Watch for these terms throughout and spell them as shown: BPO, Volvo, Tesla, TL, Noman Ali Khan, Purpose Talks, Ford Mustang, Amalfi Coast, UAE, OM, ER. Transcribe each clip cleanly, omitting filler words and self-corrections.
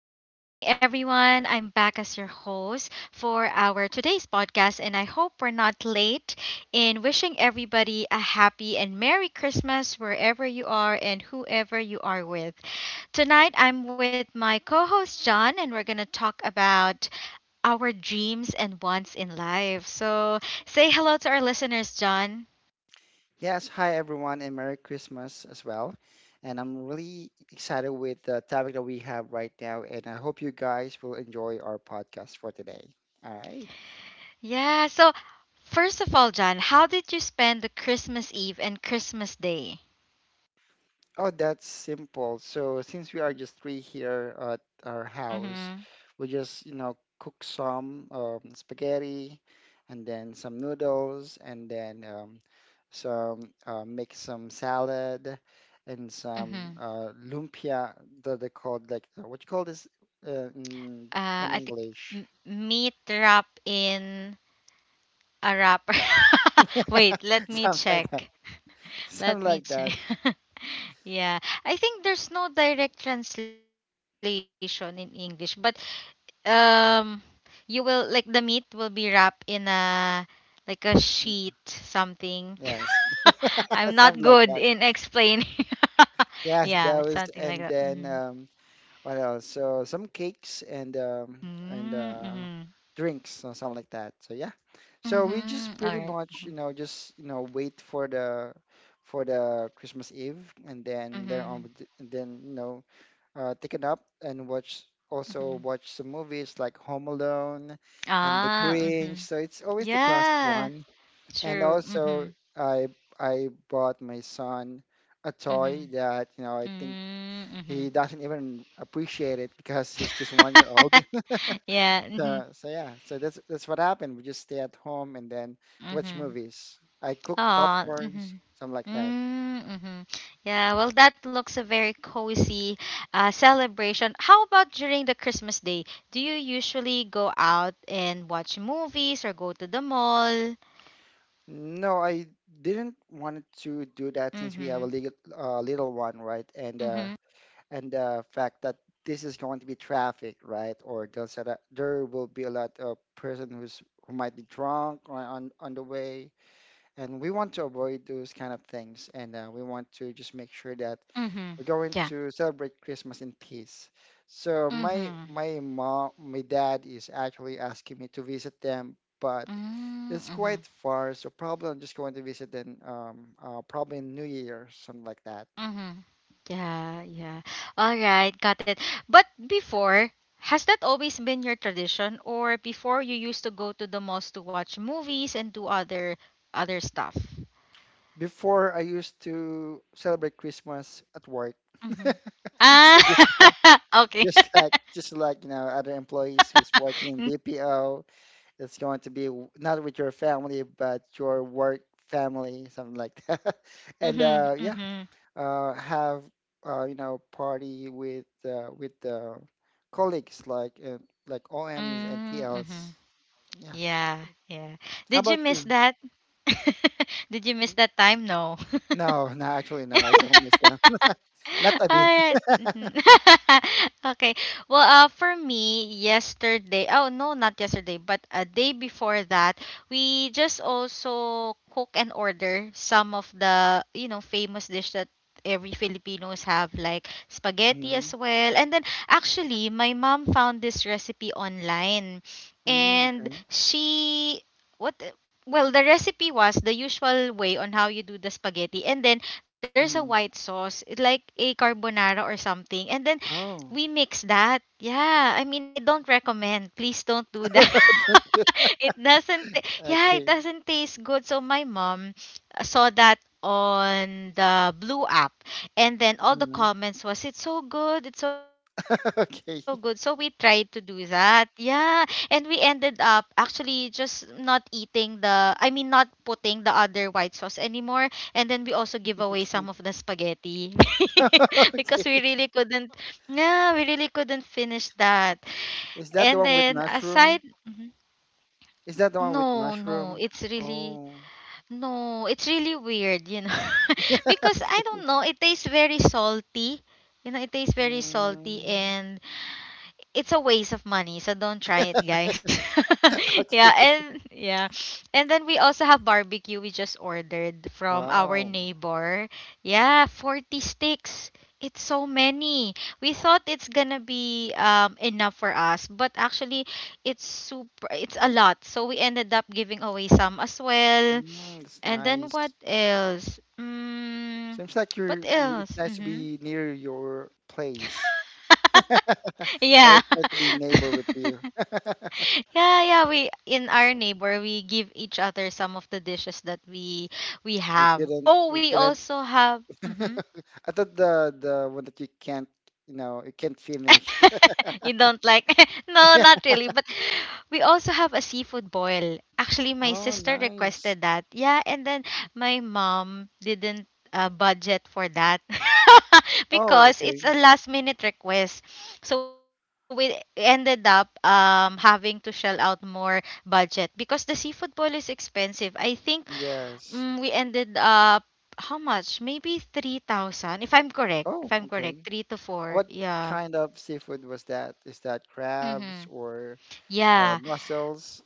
good evening, everyone. I'm back as your host for our today's podcast, and I hope we're not late in wishing everybody a happy and Merry Christmas wherever you are and whoever you are with. Tonight, I'm with my co host, John, and we're going to talk about our dreams and wants in life. So, say hello to our listeners, John. Yes, hi everyone, and Merry Christmas as well. And I'm really excited with the topic that we have right now, and I hope you guys will enjoy our podcast for today. All right. Yeah, so first of all, John, how did you spend the Christmas Eve and Christmas Day? Oh, that's simple. So since we are just three here at our house, Mm-hmm. we just, you know, cook some spaghetti and then some noodles, and then some make some salad and some Mhm. Lumpia that they call like what you call this, uh, in, Uh, in I think English? m- meat wrap in a wrapper. Wait, let me Something like that. check. Let Something me like check. that. Yeah, I think there's no direct translation in English, but um, you will like the meat will be wrapped in a like a sheet something. Yes. I'm not Something like good that. in explaining. Yes, Yeah, that it's was, something like and that. then Mm-hmm. um What else? So some cakes and Mm-hmm. Mm-hmm. drinks or something like that. So yeah, so we Mm-hmm. just All pretty right. much, just, wait for the Christmas Eve, and then later on Mm-hmm. we and then, you know, take a nap and watch, also Mm-hmm. watch some movies like Home Alone and The Ah, Grinch. mhm. So it's always the classic Yeah, one. And true. also Mhm. I I bought my son a toy Mhm. that, you know, I think Mm, he mhm. doesn't even appreciate it because he's just 1 year old. Yeah, mhm. So, so yeah, so that's what happened. We just stay at home and then watch Mhm. movies. I cook Aw, popcorns, mhm. something like that. Mm, mhm. Yeah, well, that looks a very cozy celebration. How about during the Christmas day? Do you usually go out and watch movies or go to the mall? No, I didn't want to do that since we have a Mhm. little, little one, right? Mhm. And the fact that this is going to be traffic, right? Or there's a, there will be a lot of person who's who might be drunk on on the way. And we want to avoid those kind of things, and we want to just make sure that Mhm. we're going Yeah. to celebrate Christmas in peace. So my Mhm. my mom, my dad is actually asking me to visit them, but Mm, it's mhm. quite far. So probably I'm just going to visit them probably in New Year, something like that. Mm-hmm. Yeah, yeah. All right, got it. But before, has that always been your tradition, or before you used to go to the malls to watch movies and do other stuff? Before, I used to celebrate Christmas at work. Mm-hmm. So just like, Ah, okay. just like you know, other employees who's working in BPO. It's going to be not with your family, but your work family, something like that. And Mm-hmm, yeah, mm-hmm, have you know, party with colleagues like OMs and mm-hmm. TLs. Yeah. Yeah, yeah. Did you How about miss you? that? Did you miss N- that time? No. No, no, actually, no. I don't miss them. Not a bit. Alright. Mhm. Okay. Well, for me, yesterday, oh no, not yesterday, but a day before that, we just also cook and order some of the, you know, famous dish that every Filipinos have, like spaghetti as Mm. well. And then actually, my mom found this recipe online, Mm, and okay. she what. Well, the recipe was the usual way on how you do the spaghetti, and then there's a Hmm. white sauce, it like a carbonara or something, and then we Oh. mix that. Yeah, I mean, I don't recommend. Please don't do that. Don't do It doesn't ta- that. yeah, it Okay. doesn't taste good, so my mom saw that on the blue app, and then all the Hmm. comments was it's so good, it's so good, so we tried to Okay. do that, yeah, and we ended up actually just not eating the, I mean, not putting the other white sauce anymore. And then we also give away some of the Okay. spaghetti because we really Okay. couldn't. Yeah, we really couldn't finish that. And Is that the then one with aside. mushroom? Mhm. Is that the one with No, no, mushroom? it's really, Oh, no, it's really weird, you know. Because I don't know, it tastes very salty. You know, it tastes very salty, mm. and it's a waste of money, so don't try it, guys. Yeah, Okay. and yeah. And then we also have barbecue we just ordered from our Wow, neighbor. Yeah, 40 sticks. It's so many. We thought it's gonna be enough for us, but actually it's super, it's a lot. So we ended up giving away some as well. mm, that's And then nice. what else? Mm, Seems like what you're. It's else? nice to Mhm. be near your place, or Yeah. it's nice to be neighbor with you. Yeah, yeah, we in our neighbor we give each other some of the dishes that we We have. couldn't. Oh, We we couldn't. also have. Mm-hmm. I thought the one that you can't. You know, you can't finish. You don't like, no, not really, but we also have a seafood boil, actually my Oh, sister nice. requested that, yeah, and then my mom didn't budget for that Oh, because it's okay. a last minute request. So we ended up having to shell out more budget because the seafood boil is expensive, I think. Mm, we Yes. ended up how much, maybe 3,000, if I'm correct, if Oh, I'm correct, okay. 3 to 4, What yeah. kind of seafood was that? Is that Mm-hmm. crabs or? Uh, Yeah. mussels,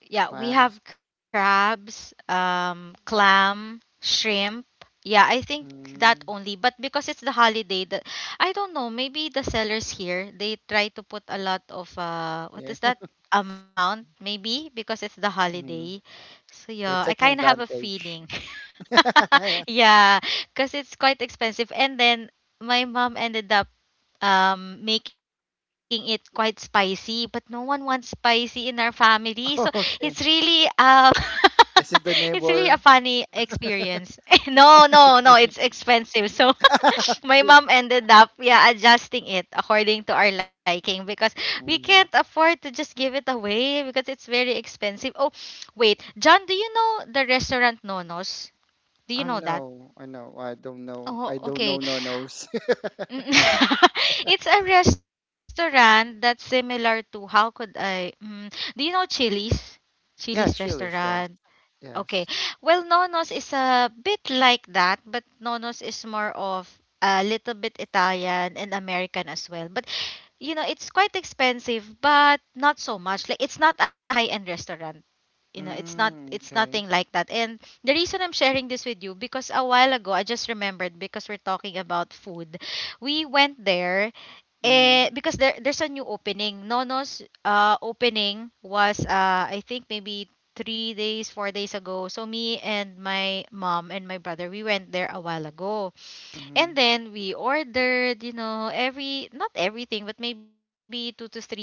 Yeah, we clams. have crabs, clam, shrimp. Yeah, I think that Mm, only. But because it's the holiday, the, I don't know, maybe the sellers here, they try to put a lot of uh, what yeah. is that? Amount, maybe because it's the Mm, holiday. So they're yeah, I taking kind of have a advantage. feeling. Yeah, cuz it's quite expensive, and then my mom ended up making it quite spicy, but no one wants spicy in our family. So it's Okay. really Is it the it's really a neighbor? funny experience. No, no, no, it's expensive. So my mom ended up, yeah, adjusting it according to our liking because we Mm. can't afford to just give it away because it's very expensive. Oh, wait, John, do you know the restaurant Nonos? Do you I know that? know. I know. I don't know. Oh, I don't okay. know. No knows. Mm, it's a restaurant that's similar to how could I, mm, do you know Chili's? Chili's Yeah, chilies. restaurant. Yes. Okay. Yes. Well, Nonos is a bit like that, but Nonos is more of a little bit Italian and American as well. But you know, it's quite expensive, but not so much. Like it's not a high-end restaurant. You know, it's not, Mm, it's nothing okay. like that. And the reason I'm sharing this with you because a while ago, I just remembered because we're talking about food. We went there, Mm-hmm. Because there's a new opening. Nono's opening was, I think, maybe 3 days, 4 days ago. So me and my mom and my brother, we went there a while ago. Mm-hmm. And then we ordered, you know, every, not everything, but maybe two to three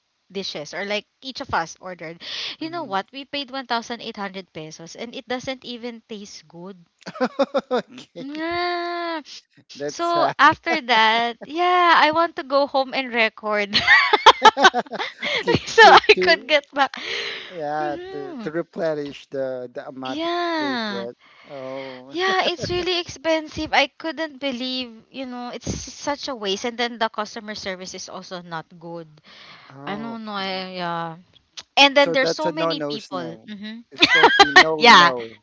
dishes, or like each of us ordered. You know what? Mm-hmm. We paid 1,800 pesos and it doesn't even taste good. Okay. Yeah. That's So sad. after that, yeah, I want to go home and record. Okay. So To I to could get back. yeah, to Mhm. replenish the amount that you pay Yeah. for it. Oh. Yeah, it's really expensive. I couldn't believe, you know, it's such a waste. And then the customer service is also not good. I Oh, don't know. okay. I, yeah. And then So there's that's a so many no-no people. snow. Hmm. It's going to be no, Yeah. no.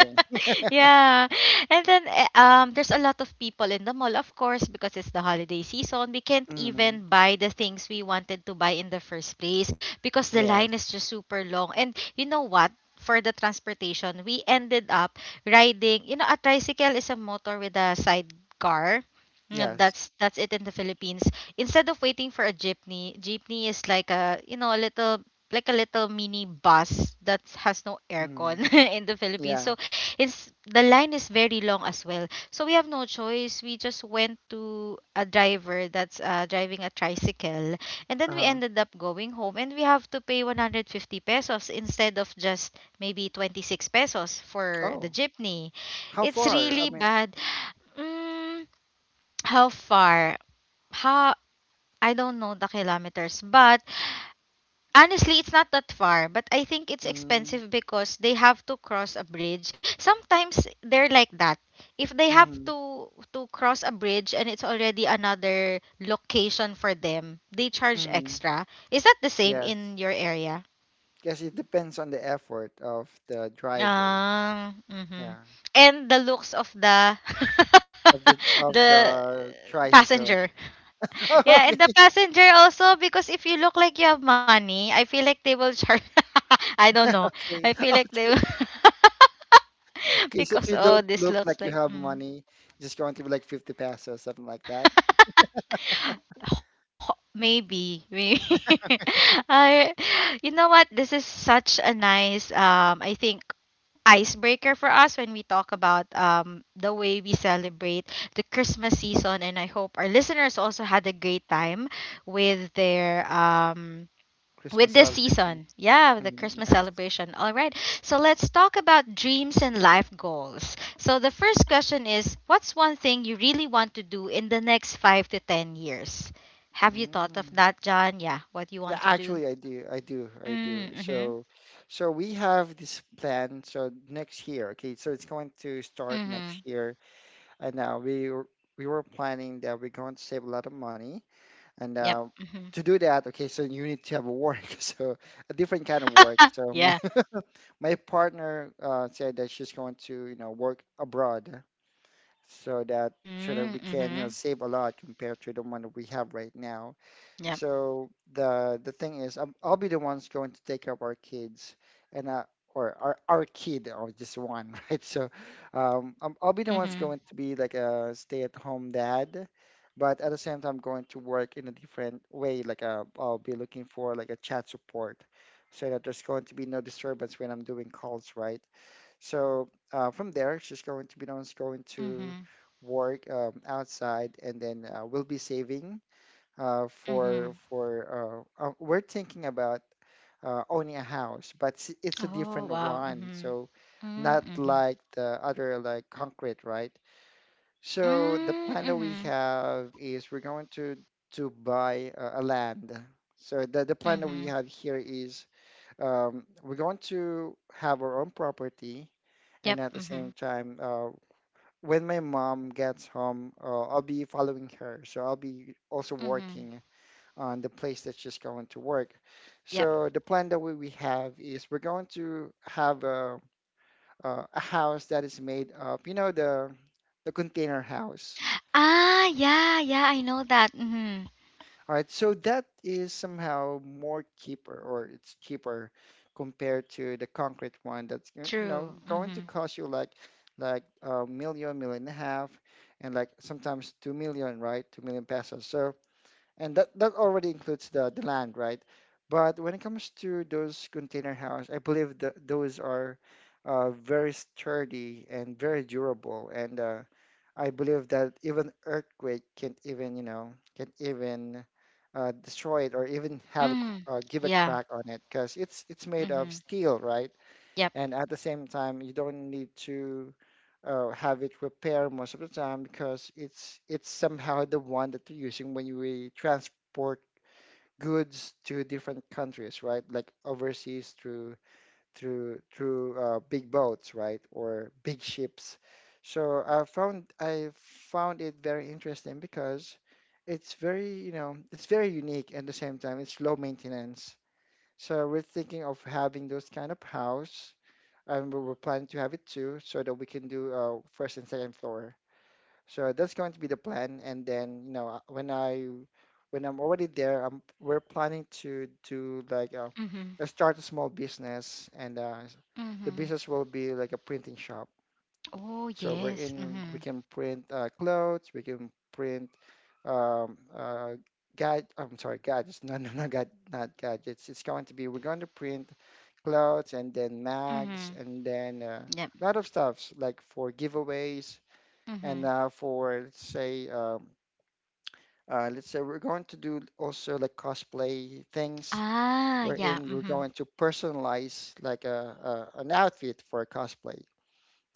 Okay. Yeah. And then there's a lot of people in the mall, of course, because it's the holiday season. We can't Hmm. even buy the things we wanted to buy in the first place because the line Yes. is just super long. And you know what? For the transportation, we ended up riding, you know, a tricycle is a motor with a sidecar. Mm, Yes. that's it in the Philippines. Instead of waiting for a jeepney, jeepney is like a you know a little, like a little mini bus that has no aircon Hmm. in the Philippines. Yeah. So it's the line is very long as well. So we have no choice. We just went to a driver that's driving a tricycle, and then we Uh-huh. ended up going home, and we have to pay 150 pesos instead of just maybe 26 pesos for the Oh, jeepney. how It's far? I really mean, bad. Mm, how far? How, I don't know the kilometers, but honestly, it's not that far, but I think it's mm. expensive because they have to cross a bridge. Sometimes they're like that. If they have Hmm. To cross a bridge and it's already another location for them, they charge Hmm. extra. Is that the same Yes. in your area? Yes, it depends on the effort of the driver. Ah, Yeah. mhm. And the looks of the Of the the tricycle. passenger. Yeah, and the Okay. passenger also because if you look like you have money, I feel like they will charge. I don't know. I Okay. feel like they will Okay, so if because you oh, don't this look looks like you like have mm. money, just going to be like 50 pesos, something like that. Ho- maybe maybe. I, you know what? This is such a nice I think icebreaker for us when we talk about the way we celebrate the Christmas season. And I hope our listeners also had a great time with their. With Christmas this celebration. season, yeah, the Mm, Christmas yes. celebration. All right, so let's talk about dreams and life goals. So, the first question is, what's one thing you really want to do in the next 5 to 10 years? Have you thought of Mm. that, John? Yeah, what you Yeah, want to do? actually, I do. I do. I do. Mm, mm-hmm. So, so we have this plan. So next year, okay. So it's going to start next Mm-hmm. year, and we were planning that we're going to save a lot of money, and Yep. Mm-hmm. to do that, okay. So you need to have a work. So a different kind of work. So my Yeah. my partner said that she's going to, you know, work abroad, so that so that Mm, we can, you know, mhm. save a lot compared to the one that we have right now. Yep. So the thing is, I'm, I'll be the ones going to take care of our kids, and or our kid, or just one, right? So I'm, I'll be the ones going Mhm. to be like a stay-at-home dad, but at the same time, going to work in a different way. Like I'll be looking for like a chat support, so that there's going to be no disturbance when I'm doing calls, right? So from there, she's going to be the ones going to Mhm. work outside, and then we'll be saving Mhm. for we're thinking about owning a house, but it's a different Oh, wow. one. Mhm. So not Mm, mhm. like the other, like concrete, right? So the Mm, plan that we mhm. have is we're going to buy a land. So the plan that we Mhm. have here is, we're going to have our own property, and Yep. at the same Mhm. time, when my mom gets home, I'll be following her. So I'll be also Mhm. working on the place that's just going to work. Yep. So the plan that we have is we're going to have a house that is made of, you know, the container house. Ah, yeah, yeah, I know that. Mhm. All right, so that is somehow more cheaper, or it's cheaper compared to the concrete one. That's, you know, True. going to Mhm. cost you like a million, million and a half, and like sometimes 2 million, right? 2 million pesos. So and that already includes the land, right? But when it comes to those container house, I believe that those are very sturdy and very durable, and I believe that even earthquake can't even, you know, can't even destroy it or even have a, Mhm. Give a crack Yeah. on it because it's made of Mhm. steel, right? Yep. And at the same time, you don't need to have it repaired most of the time because it's somehow the one that you're using when you transport goods to different countries, right? Like overseas through big boats, right, or big ships. So I found it very interesting because it's very, you know, it's very unique, and at the same time it's low maintenance. So we're thinking of having those kind of house, and we're planning to have it too, so that we can do first and second floor. So that's going to be the plan. And then, you know, when I'm already there, I'm we're planning to like Mhm. start a small business, and the business Mhm. will be like a printing shop. Oh, So yes. We Mhm. can print clothes, we can print um uh gad I'm sorry, gadgets. no no no gad Not gadgets. It's going to be we're going to print clothes and then mags, Mhm. and then Yep. a lot of stuffs, like for giveaways, and Mhm. For, let's say we're going to do also like cosplay things, Ah, wherein yeah. we're going Mhm. to personalize like a an outfit for a cosplay.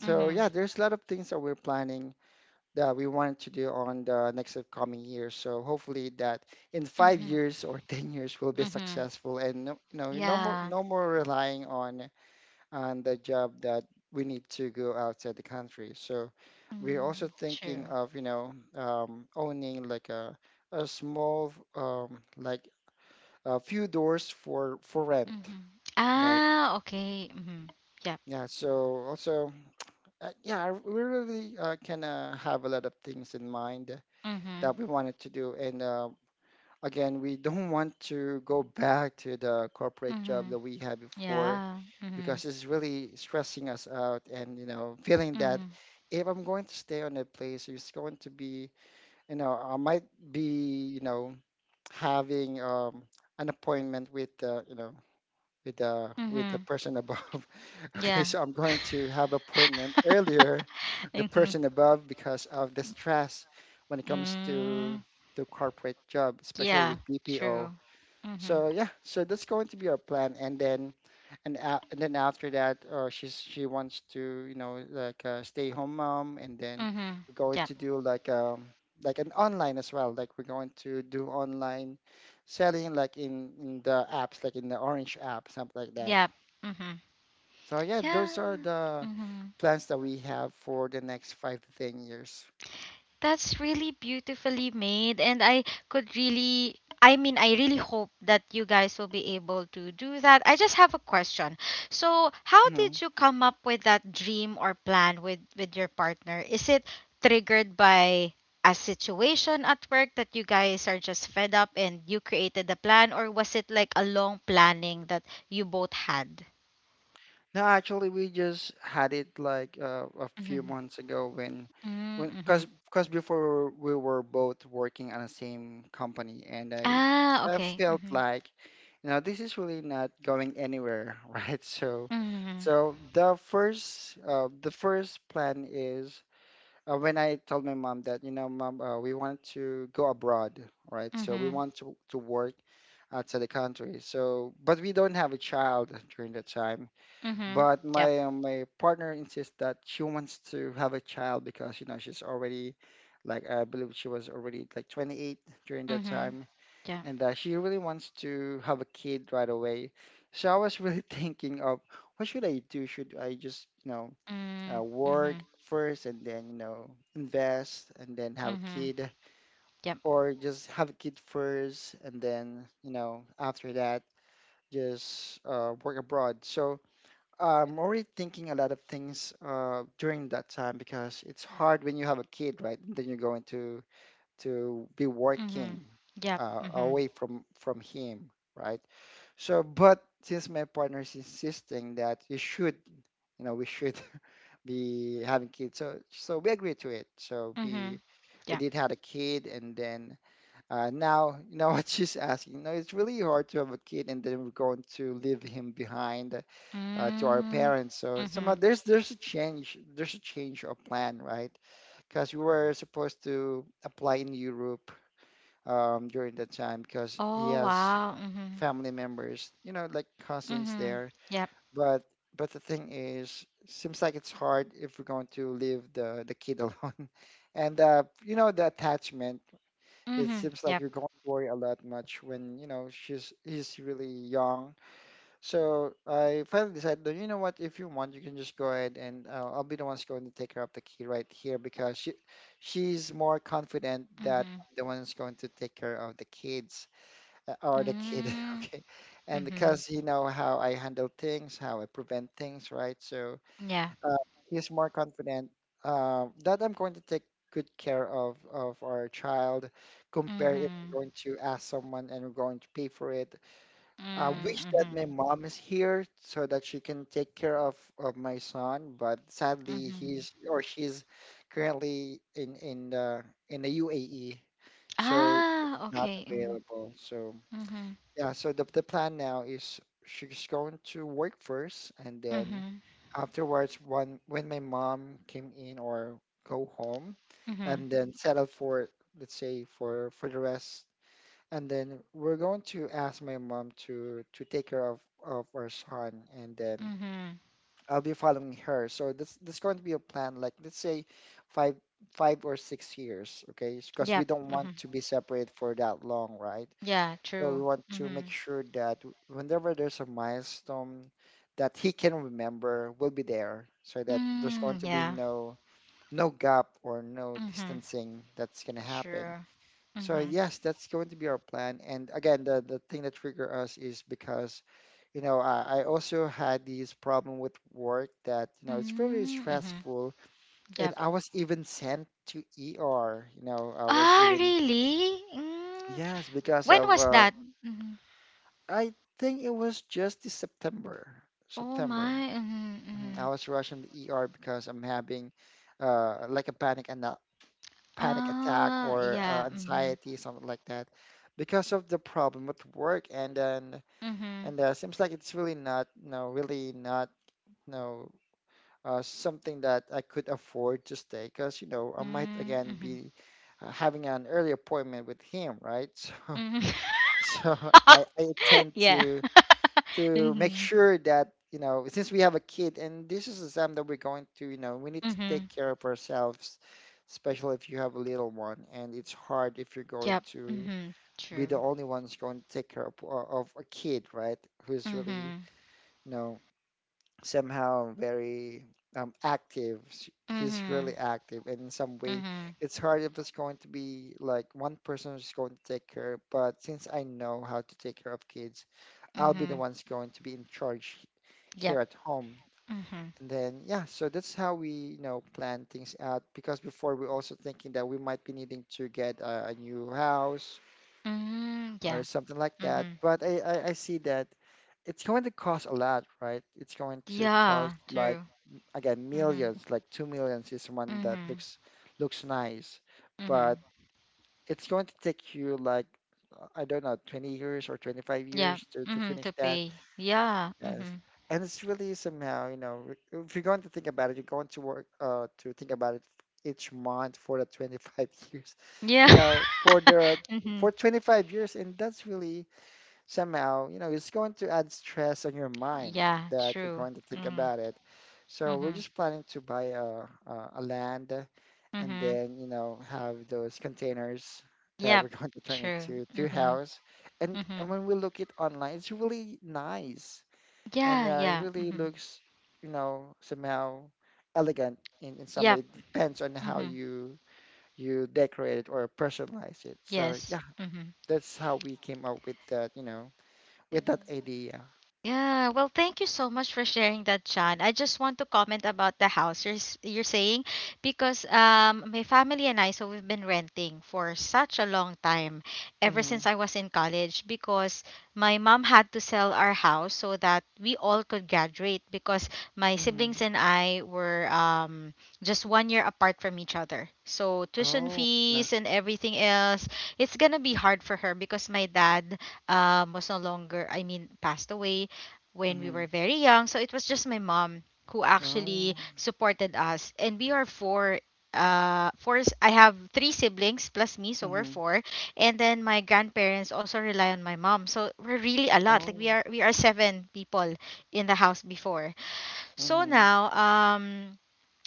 So yeah, Mhm. there's a lot of things that we're planning that we wanted to do on the next upcoming year. So hopefully that in five Mhm. years or 10 years we'll be Mhm. successful, and no, you know, Yeah. no more relying on, and the job that we need to go outside the country. So we're also Mm, thinking true. of, you know, owning like a small, like a few doors for rent. Mhm. Like, Ah, okay. Mhm. Yep. yeah, so also, yeah, we really, can, have a lot of things in mind that we Mhm. wanted to do. And again, we don't want to go back to the corporate job that Mhm. we had before Yeah. because Mhm. it's really stressing us out, and you know, feeling that Mhm. if I'm going to stay on that place, it's going to be, you know, I might be, you know, having an appointment with, you know, with the Mhm. person above. Okay, Yeah. so I'm going to have appointment earlier, the Mhm. person above, because of the stress when it comes to Mm. the corporate job, especially with Yeah. BPO. True. So Mhm. yeah, so that's going to be our plan. And then and then after that, she wants to, you know, like, stay home mom, and then Mhm. we're going to Yep. do like, um, like an online as well. Like we're going to do online selling, like in the apps, like in the Orange app, something like that. Yep. Mhm. So yeah, those are Yeah. the Mhm. plans that we have for the next 5 to 10 years. That's really beautifully made, and I could really, I mean, I really hope that you guys will be able to do that. I just have a question. So, how did you come up with that dream or plan with your partner? Is it triggered by a situation at work that you guys are just fed up and you created the plan, or was it like a long planning that you both had? No, actually, we just had it a few Mm-hmm. months ago when, cause, Mm-hmm. cause before we were both working on the same company, and Ah, I okay. felt Mm-hmm. like, you know, this is really not going anywhere, right? So, Mm-hmm. so the first plan is when I told my mom that, you know, mom, we want to go abroad, right? So we Mm-hmm. want to work outside the country. So, but we don't have a child during that time Mm-hmm. but Yep. My partner insists that she wants to have a child because you know she's already like I believe she was already like 28 during that Mhm. time, Yep. and that she really wants to have a kid right away. So I was really thinking of what should I do? Should I just you know Mm. work Mhm. first and then you know invest and then have a Mhm. kid, Yep. or just have a kid first and then you know after that just work abroad? So I'm already thinking a lot of things during that time because it's hard when you have a kid, right? Then you're going to be working Mhm. Yep. Mhm. away from him, right? So, but since my partner is insisting that you should, you know, we should be having kids, so we agreed to it. So we Mhm. we Yep. did had a kid, and then now you know what she's asking. You know, it's really hard to have a kid, and then we're going to leave him behind to our Mm. parents. So somehow Mhm. there's a change of plan, right? Because we were supposed to apply in Europe during that time because he Oh has wow. Mhm. family members, you know, like cousins Mhm. there. Yep. But but the thing is, seems like it's hard if we're going to leave the kid alone, and you know the attachment. It Mhm. seems like Yep. you're going to worry a lot much when you know she's he's really young so I finally decided, "No, you know what? If you want, you can just go ahead and I'll be the one's going to take care of the kid right here because she's more confident that Mhm. I'm the one's going to take care of the kids, or the kid, Mm. okay? And Mhm. because you know how I handle things, how I prevent things, right? So Yeah. uh, he's more confident that I'm going to take good care of our child, compare if I'm Mhm. going to ask someone and we're going to pay for it. I wish Mm. that my Mhm. mom is here so that she can take care of my son, but sadly Mhm. he's or she's currently in the UAE, so Ah. she's not Okay. Mhm. available. So Mhm. yeah, so the plan now is she's going to work first, and then Mhm. afterwards, when my mom came in or go home, and Mhm. then settle for let's say for the rest and then we're going to ask my mom to take care of our son and then Mhm. I'll be following her. So this is going to be a plan like let's say five 5 or 6 years, okay? Because we Yep. don't want Mhm. to be separate for that long, right? Yeah. So we True. want to make Mhm. sure that whenever there's a milestone that he can remember, we'll be there so that there's going Mm. to be Yeah. No gap or no Mhm. distancing that's going to happen. True. So Mhm. yes, that's going to be our plan. And again, the thing that trigger us is because, you know, I also had this problem with work that, you know, it's very Mm, Mhm. stressful. And Yep. I was even sent to ER, you know, I was Ah, even, really? Mm. yes, because When of was that? Mhm. I think it was just this September, Oh September. my. Mhm. Mhm, I Mhm. was rushing the ER because I'm having like a panic attack Ah, or yeah. Mhm. anxiety, something like that, because of the problem with work. And then Mhm. and seems like it's really not, no, something that I could afford to stay, because you know I might Mm, again Mhm. be having an early appointment with him, right? Mhm. So so I I tend Yeah. to to make Mhm. sure that you know since we have a kid and this is the time that we're going to you know we need to take Mhm. care of ourselves especially if you have a little one and it's hard if you're going Yep. to Mhm. be True. the only ones going to take care of a kid right who's really Mhm. you know somehow very active he's Mhm. really active and in some way Mhm. it's hard if it's going to be like one person who's going to take care but since I know how to take care of kids I'll be the Mhm. one's going to be in charge Yep. here at home. Mhm. And then, yeah, so that's how we, you know, plan things out. Because before we are also thinking that we might be needing to get a new house Mm, or yeah. something like that. Mhm. But I see that it's going to cost a lot, right? It's going to Yeah. cost like, True. Mhm. millions, like two millions is one that Mhm. Looks nice, but Mhm. it's going to take you like, I don't know, 20 years or 25 Yeah. years to Mhm. finish To that. pay. Yeah. Yes. Mhm. And it's really somehow, you know, if you're going to think about it, you're going to work to think about it each month for the 25 years, Yeah. you know, for mhm. 25 years, and that's really somehow, you know, it's going to add stress on your mind Yeah. that you're True. going to think Mhm. about it. So we're Mhm. just planning to buy a land and Mhm. then, you know, have those containers that Yep. we're going to turn True. into two Mhm. house. And Mhm. when we look it online, it's really nice and Yeah. It Yeah. really Mhm. looks, you know, somehow elegant in some way. Yep. It depends on how Mhm. you you decorate it or personalize it. So Yes. yeah, Mhm. that's how we came up with that, you know, with that idea. Yeah, well, thank you so much for sharing that, John. I just want to comment about the house you're, you're saying, because my family and I, so we've been renting for such a long time ever Mm-hmm. since I was in college because my mom had to sell our house so that we all could graduate because my Mm-hmm. siblings and I were just one year apart from each other. So tuition Oh. Yeah. fees and everything else, it's gonna be hard for her because my dad was no longer, I mean, passed away when we Mm-hmm. were very young. So it was just my mom who actually Oh. supported us. And we are four. I have three siblings plus me, so we're Mm-hmm. four. And then my grandparents also rely on my mom, so we're really a lot. Like we Oh. are, we are seven people in the house before. So Mm-hmm. now,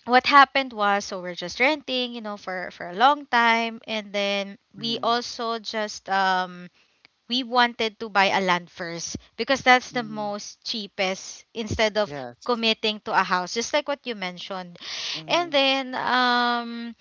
what happened was, so we're just renting, you know, for a long time, and then we Hmm. also just we wanted to buy a land first because that's the Mm-hmm. most cheapest, instead of Yes. committing to a house, just like what you mentioned. And Mm-hmm. then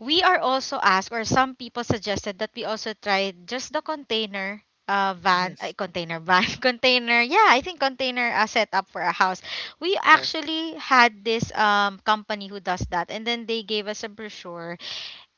we are also asked, or some people suggested that we also try just the container van Yes. container van container, yeah, I think container setup for a house. We Yes. actually had this company who does that, and then they gave us a brochure.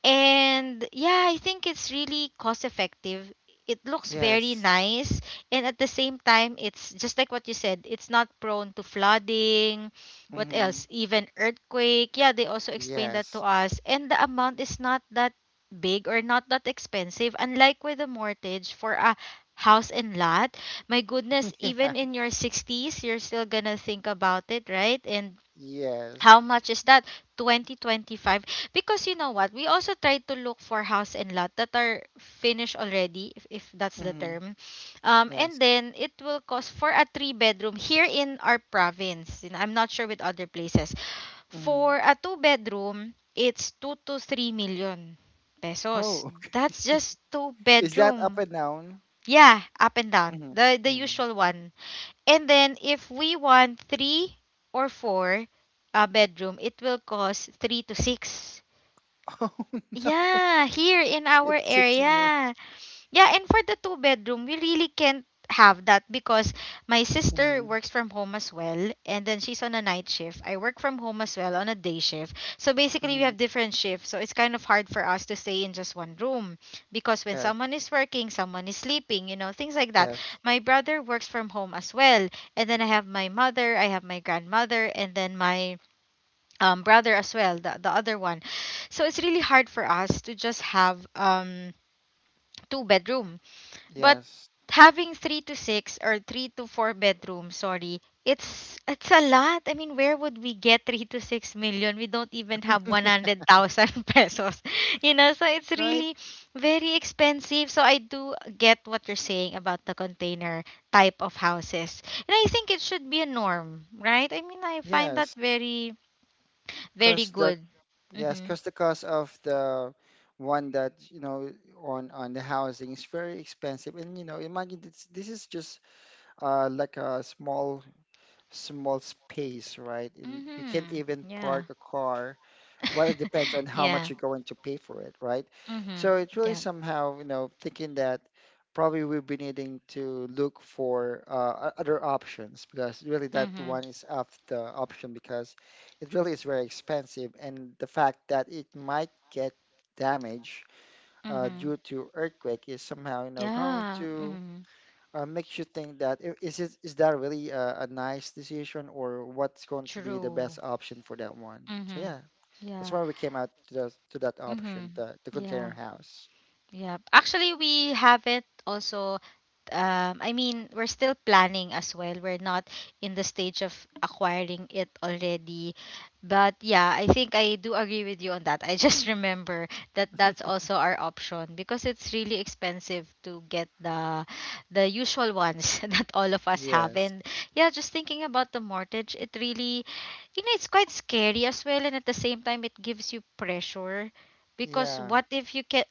And yeah, I think it's really cost effective. It looks very Yes. nice, and at the same time, it's just like what you said, it's not prone to flooding. What Mm-hmm. else? Even earthquake. Yeah, they also explained that to Yes. us. And the amount is not that big or not that expensive, unlike with a mortgage for a house and lot. My goodness, Yeah. even in your 60s, you're still gonna think about it, right? And Yes. how much is that? 2025. Because you know what? We also try to look for house and lot that are finished already, if that's the Mm-hmm. term. And Yes. then it will cost for a three-bedroom here in our province. You know, I'm not sure with other places. For Hmm. a two-bedroom, it's 2 to 3 million pesos. Oh, That's okay. just two Is that up bedroom. and down? Yeah, up and down. Mm-hmm. The Hmm. usual one. And then if we want three or four bedroom, it will cost three to six. Oh no, Yeah, here in our it's 60 million. area. Yeah, and for the two bedroom, we really can't have that because my sister Mm-hmm. works from home as well, and then she's on a night shift. I work from home as well on a day shift. So basically we Mm-hmm. have different shifts. So it's kind of hard for us to stay in just one room because when Yes, someone is working, someone is sleeping, you know, things like that. yes, My brother works from home as well. And then I have my mother, I have my grandmother, and then my brother as well, the other one. So it's really hard for us to just have two bedroom, but yes. having three to six or three to four bedrooms, sorry, it's a lot. I mean, where would we get 3 to 6 million? We don't even have one hundred thousand pesos, you know. So it's Right? really very expensive. So I do get what you're saying about the container type of houses, and I think it should be a norm, right? I mean, I find that Yes, very very cause the good. yes, Mhm. cause the cost of the one that you know on the housing is very expensive, and you know, imagine this this is just like a small space, right? And you can't Mhm. even Yeah. park a car well, it depends on how much yeah. you're going to pay for it, right? Mhm. So it's really Yeah. somehow, you know, thinking that probably we'll be needing to look for other options because really that Mhm. one is off the option because it really is very expensive and the fact that it might get damaged due Mhm. to earthquake is somehow, you know, going Yeah. to Mm-hmm. Makes you think that is it is that really a nice decision or what's going to be the True. best option for that one? So Mm-hmm. yeah, that's Yeah. why we came out to the, to that Mm-hmm. option, the Yeah. container house. Yeah. Actually, we haven't also I mean, we're still planning as well. We're not in the stage of acquiring it already. But yeah, I think I do agree with you on that. I just remember that that's also our option because it's really expensive to get the usual ones that all of us have. Yes. And yeah, just thinking about the mortgage, it really, you know, it's quite scary as well, and at the same time it gives you pressure because Yeah. what if you can.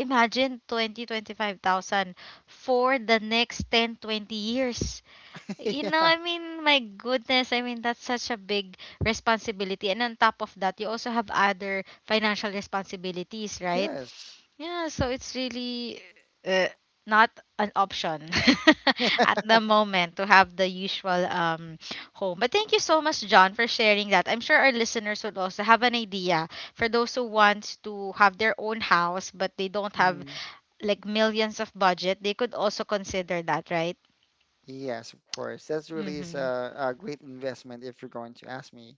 Imagine 20, 25 thousand for the next 10, 20 years. You know, Yeah. I mean, my goodness, I mean, that's such a big responsibility. And on top of that, you also have other financial responsibilities, right? Yes. Yeah, so it's really uh, not an option at the moment to have the usual home. But thank you so much, John, for sharing that. I'm sure our listeners would also have an idea for those who want to have their own house but they don't have Mm. like millions of budget, they could also consider that, right? Yes, of course. That's really is Mm-hmm. A great investment if you're going to ask me.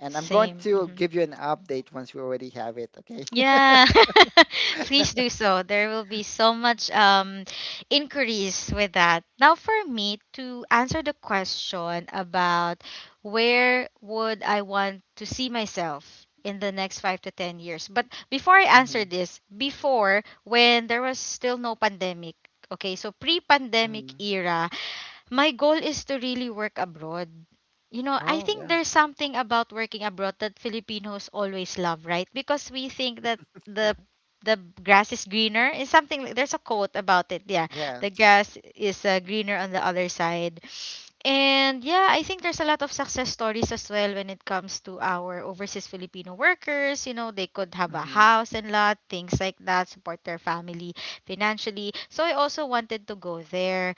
And I'm going Same. to Hmm. give you an update once we already have it, okay? Yeah. Please do so. There will be so much inquiries with that. Now for me to answer the question about where would I want to see myself in the next 5 to 10 years. But before I answer Hmm. this, before when there was still no pandemic, okay? So pre-pandemic Hmm. era, my goal is to really work abroad. You know, I Oh, think yeah. there's something about working abroad that Filipinos always love, right? Because we think that Yeah. the the grass is greener. It's something there's a quote about it. Yeah, the Yes. grass is greener on the other side. And yeah, I think there's a lot of success stories as well when it comes to our overseas Filipino workers. You know, they could have a Hmm. house and lot, things like that, support their family financially. So I also wanted to go there.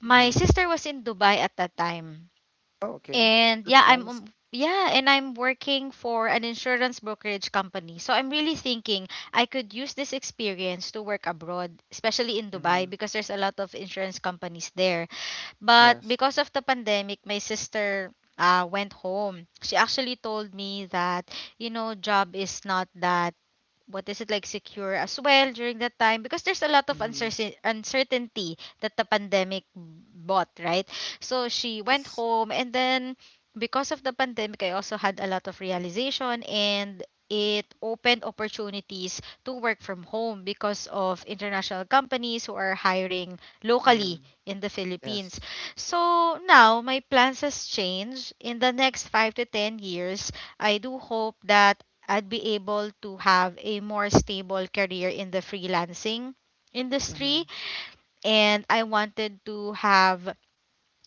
My Hmm. sister was in Dubai at that time. Oh, okay. And That's yeah, I'm nice. Yeah, and I'm working for an insurance brokerage company. So I'm really thinking I could use this experience to work abroad, especially in Dubai Hmm. because there's a lot of insurance companies there. But Yes. because of the pandemic, my sister went home. She actually told me that, you know, job is not that, what is it, like, secure as well during that time because there's a lot of Hmm. Uncertainty that the pandemic bought, right? So she went Yes. home, and then because of the pandemic I also had a lot of realization, and it opened opportunities to work from home because of international companies who are hiring locally Hmm. in the Philippines. Yes. So now my plans has changed. In the next 5 to 10 years, I do hope that I'd be able to have a more stable career in the freelancing industry, Hmm. and I wanted to have,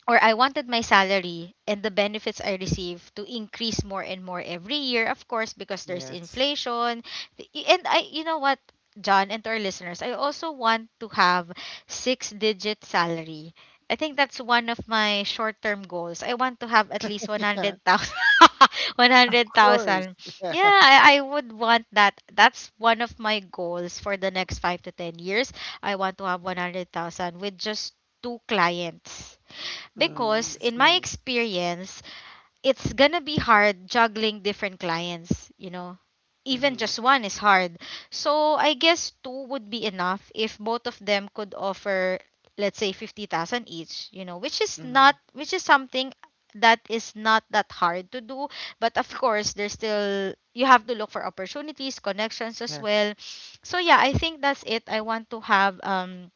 or I wanted my salary and the benefits I receive to increase more and more every year, of course, because there's Yes. inflation. And I, you know what, John, and to our listeners, I also want to have six digit salary. I think that's one of my short term goals. I want to have at least Yeah, 100,000. of course. 100,000. Yeah. Yeah, I would want that. That's one of my goals for the next five to 10 years. I want to have 100,000 with just two clients Mm, because that's in my nice. experience it's gonna be hard juggling different clients, you know, even Mm-hmm. just one is hard. So I guess two would be enough if both of them could offer, let's say, 50,000 each, you know, Mm-hmm. Which is something that is not that hard to do. But of course there's still, you have to look for opportunities, connections as Yes. well. So yeah, I think that's it. I want to have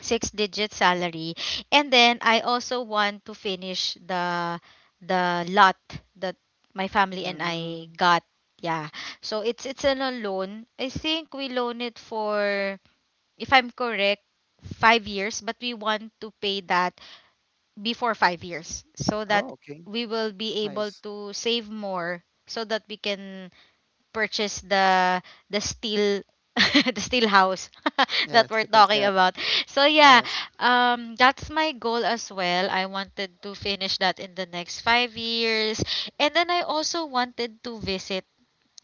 six digit salary. And then I also want to finish the lot that my family and I Mm. got. Yeah, so it's an a loan, I think we loan it for, if I'm correct, 5 years, but we want to pay that before 5 years so that Oh, okay. we will It's be able nice. to save more, so that we can purchase the steel the steel house that Yes, we're the talking container. about. So yeah, Yes. That's my goal as well. I wanted to finish that in the next 5 years. And then I also wanted to visit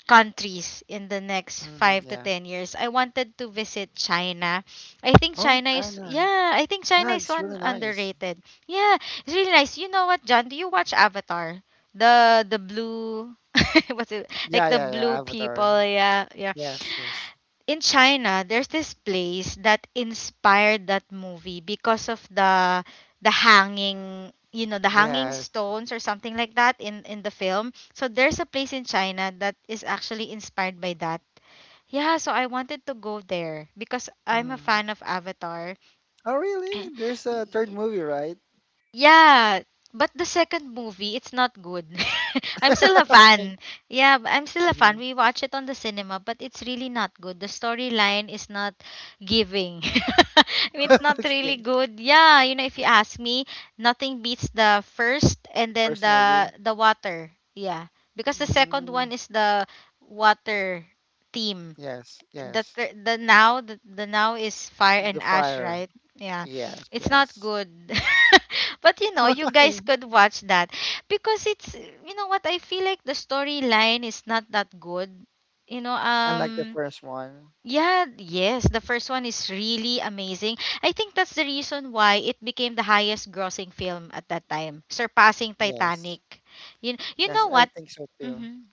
countries in the next Mm, five to yeah. ten years. I wanted to visit China. I think Oh, China is, China. yeah, I think China Yeah, is it's really one nice. underrated. Yeah, it's really nice. You know what, John? Do you watch Avatar? The blue what's it like, Yeah, the yeah, yeah. blue Avatar. people, yeah, yeah, Yes, yes. in China, there's this place that inspired that movie because of the hanging, you know, the hanging Yes. stones or something like that in the film. So there's a place in China that is actually inspired by that. Yeah, so I wanted to go there because I'm a Mm. fan of Avatar. Oh, really? There's a third movie, right? Yeah, but the second movie, it's not good. I'm still a Okay. fan. Yeah, I'm still a Hmm. fan. We watch it on the cinema, but it's really not good. The storyline is not giving. I mean, it's not really Okay. good. Yeah, you know, if you ask me, nothing beats the first and The then first the movie. the water. Yeah, because the second Mm. one is the water theme. Yes, yes. The now the now is fire The and ash, fire. right? Yeah, Yes, it's not yes. good. But you guys Why? could watch that, because it's, you know what, I feel like the storyline is not that good you know I like the um first one. yeah, yes, the first one is really amazing. I think that's the reason why it became the highest grossing film at that time, surpassing Yes. Titanic. You Yes, know I what? think so too. hmm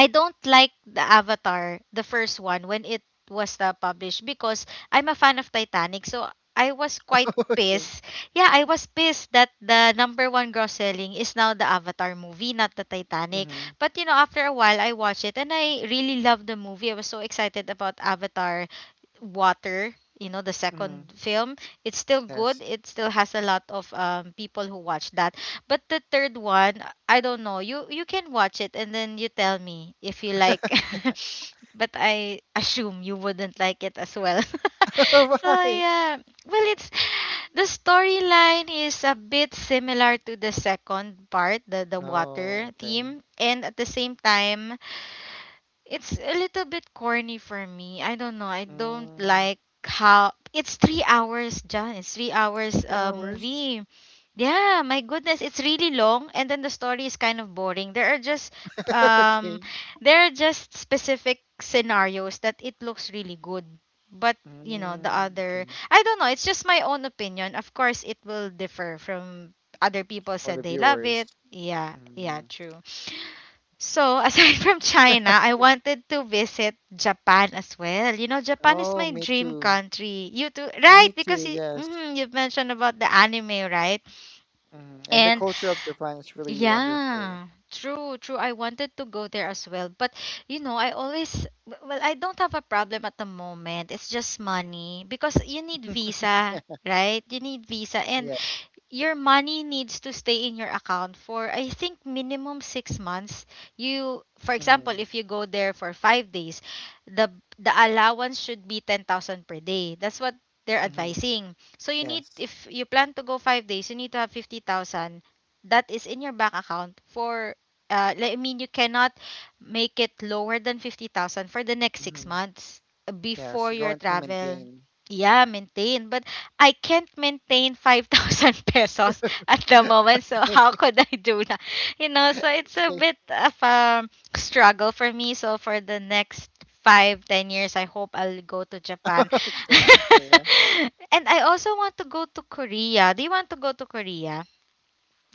I don't like the Avatar, the first one, when it was published because I'm a fan of Titanic. So I was quite Okay. pissed. Yeah, I was pissed that the number one gross selling is now the Avatar movie, not the Titanic. Mm-hmm. But, after a while, I watched it and I really loved the movie. I was so excited about Avatar Water. You know, the Mm-hmm. second film, it's still good. Yes. It still has a lot of people who watch that. But the third one, I don't know. You can watch it and then you tell me if you like. But I assume you wouldn't like it as well. So Why? yeah, well, it's the storyline is a bit similar to the second part, the Oh, water okay. theme, and at the same time it's a little bit corny for me. I don't know. I don't Mm, like how it's 3 hours, John. It's three not hours three hours. movie. Yeah, my goodness, it's really long, and then the story is kind of boring. Um Okay. there are just specific scenarios that it looks really good. But, the Mm, other okay. I don't know, it's just my own opinion. Of course it will differ from other people For the said they love viewers. it. Yeah, yeah, Mm. true. So, aside from China, I wanted to visit Japan as well. You know, Japan is Oh, my me dream too. country. You too, Me right? Because too. Yes. mhm, you've mentioned about the anime, right? Mm. And the And culture of Japan is really wonderful. yeah, true, true. I wanted to go there as well. But, you know, I always, well, I don't have a problem at the moment. It's just money because you need visa, right? You need visa. And Yeah. your money needs to stay in your account for I think minimum 6 months. You, for example, Mm-hmm. if you go there for 5 days, the the allowance should be 10,000 per day. That's what they're Mm-hmm. advising. So you need, Yes. if you plan to go 5 days, you need to have 50,000 that is in your bank account for like, I mean, you cannot make it lower than 50,000 for the next six Mm-hmm. months Yes, before you're your going to travel. maintain. Yeah, maintain. But I can't maintain 5,000 pesos at the moment. So, how Okay. could I do that? You know, so it's a bit of a struggle for me. So, for the next 5-10 years, I hope I'll go to Japan. Okay. So, yeah. And I also want to go to Korea. Do you want to go to Korea?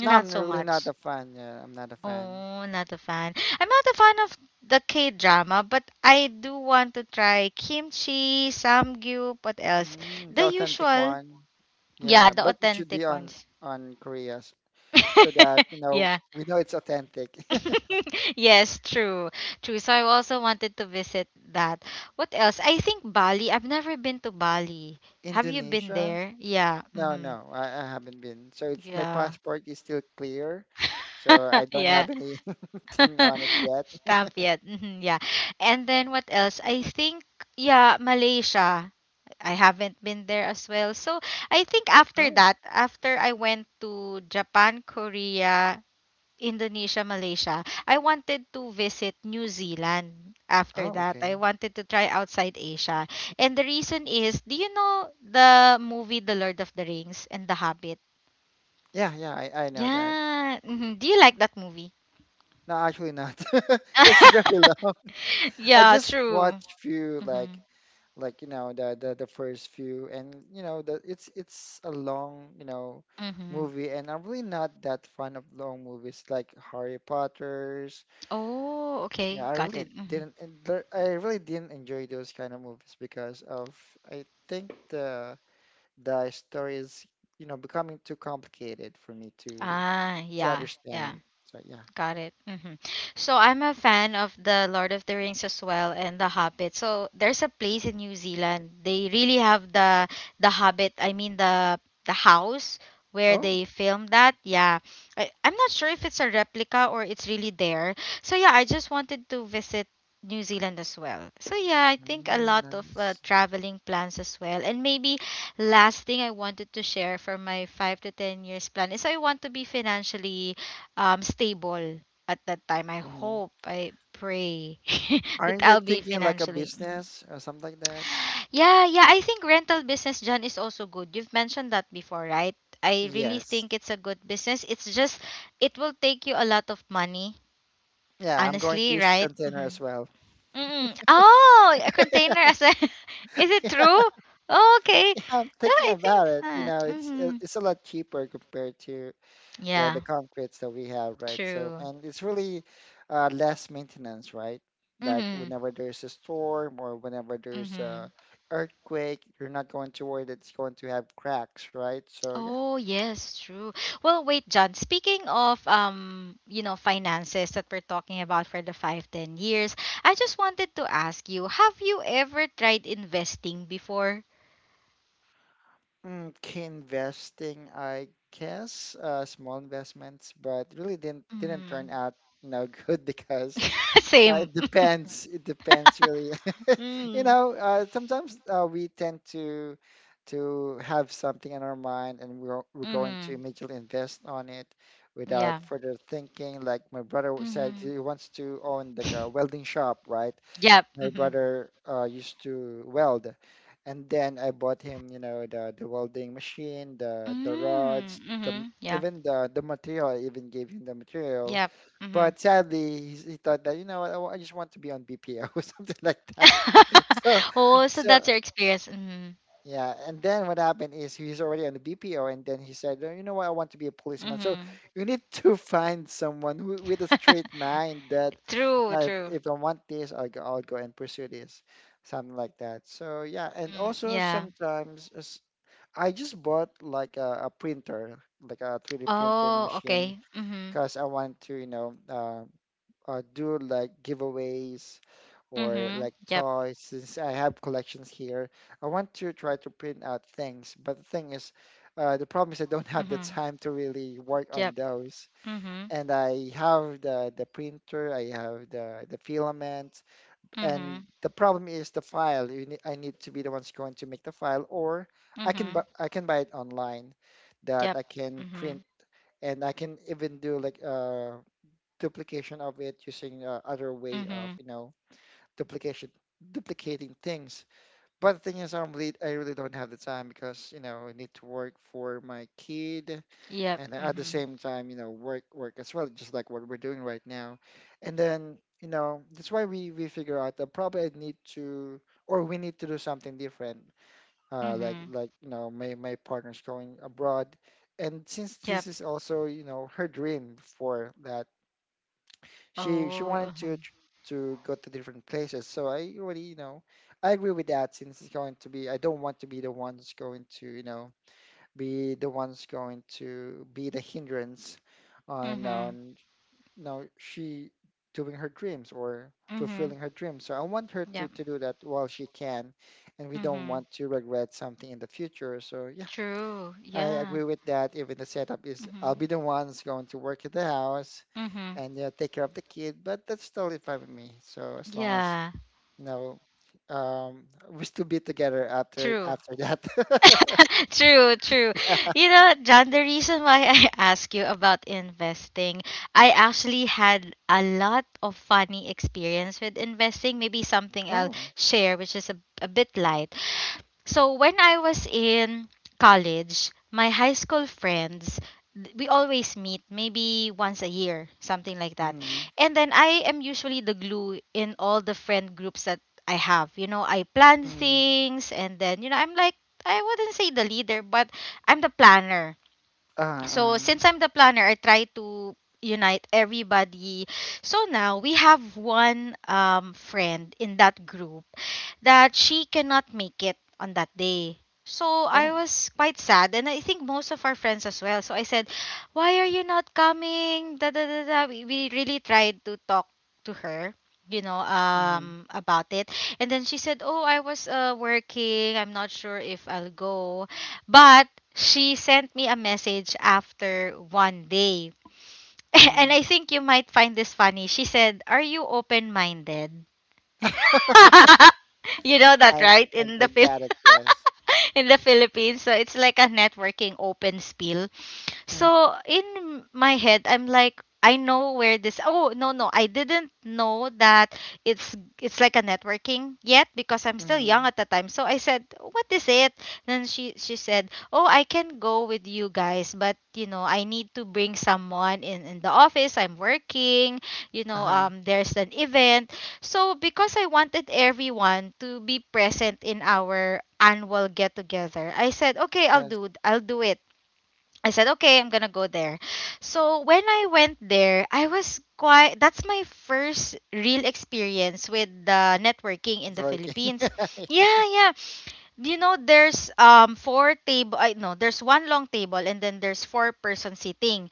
No, I'm so really not much. a fan. Yeah, I'm not a fan. Oh, not a fan. I'm not a fan of the K drama, but I do want to try kimchi, samgyeop, what else? Mm, the The authentic usual, one. Yeah, yeah, the but it should be authentic on ones. on Korea s- so that, you know, Yeah. we know it's authentic. Yes, true. True. So I also wanted to visit that. What else? I think Bali. I've never been to Bali. Have you been Indonesia? there? Yeah. No, Hmm. no, I haven't been. So it's my Yeah. passport is still clear. So I don't Yeah. have anything on it yet. Stamp yet. Hmm. Yeah. And then what else? I think, yeah, Malaysia. I haven't been there as well. So I think after Oh, that, after I went to Japan, Korea, Indonesia, Malaysia, I wanted to visit New Zealand after oh, that. okay. I wanted to try outside Asia. And the reason is, do you know the movie The Lord of the Rings and The Hobbit? Yeah, yeah, I know that. Yeah. Do you like that movie? No, actually not. Because it's very low. I Yeah, just true. watched few Mm-hmm. like like the first few and you know the it's a long Mm-hmm. movie, and I'm really not that fond of long movies like Harry Potter's. Oh, Yeah, okay. I Got it. really Hmm. didn't I really didn't enjoy those kind of movies because of I think the story is you know becoming too complicated for me to Ah, yeah, yeah. understand. So yeah. Got it. So I'm a fan of the Lord of the Rings as well and the Hobbit. So there's a place in New Zealand. They really have the Hobbit. I mean the house where Oh, they filmed that. Yeah, I'm not sure if it's a replica or it's really there. So yeah, I just wanted to visit New Zealand as well. So yeah, I think a mm, lot of nice. traveling plans as well. And maybe last thing I wanted to share for my 5 to 10 years plan is I want to be financially stable at that time. I Mm-hmm. hope, I pray that Aren't you I'll be thinking like a financially. Mhm. business or something like that? Yeah, yeah, I think rental business, John, is also good. You've mentioned that before, right? I really Yes. think it's a good business. It's just it will take you a lot of money, Yeah, I'm going to honestly, use the right? container as Mm-hmm. well. Mm-mm. Oh, a container as well. Is it true? Oh, okay. I'm Yeah, thinking I think about it. You know, so. it's Mm-hmm. it- it's a lot cheaper compared to the Yeah, the concretes that we have, right? So, true. and it's really less maintenance, right? Like Mm-hmm. whenever there's a storm or whenever there's a Mm-hmm. earthquake, you're not going to worry that it's going to have cracks, right? So yeah. Oh, yes, true. Well, wait, John, speaking of finances that we're talking about for the five, 10 years, I just wanted to ask you, have you ever tried investing before? Mm, key investing, I guess, small investments, but really didn't turn Mm. out, you know, good because Same. it depends. It depends really. You Mm. know, sometimes we tend to have something in our mind, and we're going to Mm-hmm. immediately invest on it Yeah. without further thinking. Like my brother Mm-hmm. said, he wants to own like a welding shop, right? Yep. My Mm-hmm. brother used to weld, and then I bought him, you know, the welding machine, the Mm. rods, the Mm-hmm. Yeah. even the material. I even gave him the material, Yep. Mm-hmm. but sadly, he thought that, you know what, I just want to be on BPO or something like that. So Oh, so so that's your experience. Mm-hmm. yeah, and then what happened is he's already on the BPO, and then he said, "Oh, you know what? I want to be a policeman." So Mm-hmm. you need to find someone who, with a straight mind, that, True, true. if I want this, I'll go and pursue this," something like that. So yeah, and Mm, also yeah. sometimes I just bought like a printer, like a 3D printing Oh, machine, okay. Mhm. because I want to, you know, do like giveaways or like Mhm. Yep. toys, since I have collections here. I want to try to print out things. But the thing is, the problem is I don't have the Mhm. time to really work on Yep. those. Mhm. And I have the printer, I have the filament, and Mhm. the problem is the file. You need, I need to be the ones going to make the file, or I can bu Mhm. I can buy it online that Yep. I can print, Mhm. and I can even do like duplication of it using other way of Mhm. you know duplication, duplicating things. But the thing is, I really don't have the time because, you know, I need to work for my kid, Yep. and at the Mhm. same time, you know, work as well, just like what we're doing right now. And then, you know, that's why we figure out that probably I need to or we need to do something different. Like Mhm. You know, my partner's going abroad, and since this Yep. is also, you know, her dream for that, she Oh. wanted to Mhm. To go to different places. So I already, you know, I agree with that since it's going to be, I don't want to be the one that's going to, you know, be the one's going to be the hindrance on Mhm. You know she doing her dreams or Mhm. fulfilling her dreams. So I want her to Yep. Do that while she can, and we don't Mhm. want to regret something in the future. So yeah. True. I Yeah. agree with that. Even the setup is I'll Mhm. be the one who's going to work at the house Mhm. and take care of the kid, but that's totally fine with me. So as long as Yeah. you know, um, we still be together after True. That. True, true. You know, John, the reason why I ask you about investing, I actually had a lot of funny experience with investing. Maybe something I'll Oh. share, which is a bit light. So when I was in college, my high school friends, we always meet maybe once a year, something like that. Mm-hmm. And then I am usually the glue in all the friend groups that I have. You know, I plan Mm-hmm. things and then, I'm like, I wouldn't say the leader, but I'm the planner. So Uh-uh. since I'm the planner, I try to unite everybody. So now we have one friend in that group that she cannot make it on that day. So I Oh. was quite sad, and I think most of our friends as well. So I said, "Why are you not coming?" Da da da da. We really tried to talk to her, Mm-hmm. About it, and then she said, "Oh, I was working. I'm not sure if I'll go," but she sent me a message after one day. And Mm-hmm. I think you might find this funny. She said, "Are you open minded?" You know that, I right? I get got it. Yes. In the Philippines, so it's like a networking open, Mhm. so in my head, I'm like, I know where this. Oh, no, no, I didn't know that it's like a networking yet because I'm still Mm-hmm. young at the time. So I said, what is it? Then she said, oh, I can go with you guys, but, I need to bring someone in the office. I'm working. You know, Uh-huh. There's an event. So because I wanted everyone to be present in our annual get together, I said, okay, I'll Yes. do I'll do it. I said, okay, I'm gonna go there. So when I went there, I was quite. That's my first real experience with the networking in It's the working. Philippines. Yeah. Yeah, yeah. You know, there's four table. I no, there's one long table and then there's four-person sitting.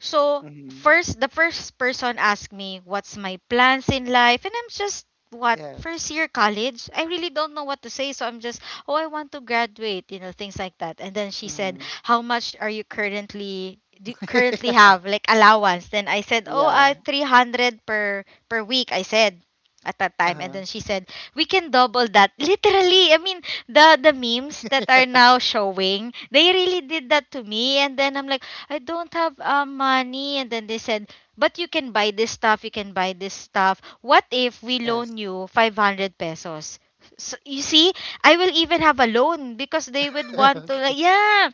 So Mm-hmm. first, the first person asked me, "What's my plans in life?" And I'm just, what, Yes. first year college. I really don't know what to say, so I'm just, "Oh, I want to graduate," you know, things like that. And then she said, Mm-hmm. how much are you currently do you currently have like allowance? Then I said, oh, Yeah. 300 per week, I said at that time. And Uh-huh. then she said, we can double that. Literally, I mean, the memes that are now showing, they really did that to me. And then I'm like, I don't have money. And then they said, but you can buy this stuff, you can buy this stuff, what if we Yes. loan you 500 pesos? So, you see, I will even have a loan because they would want to, like, Okay. yeah.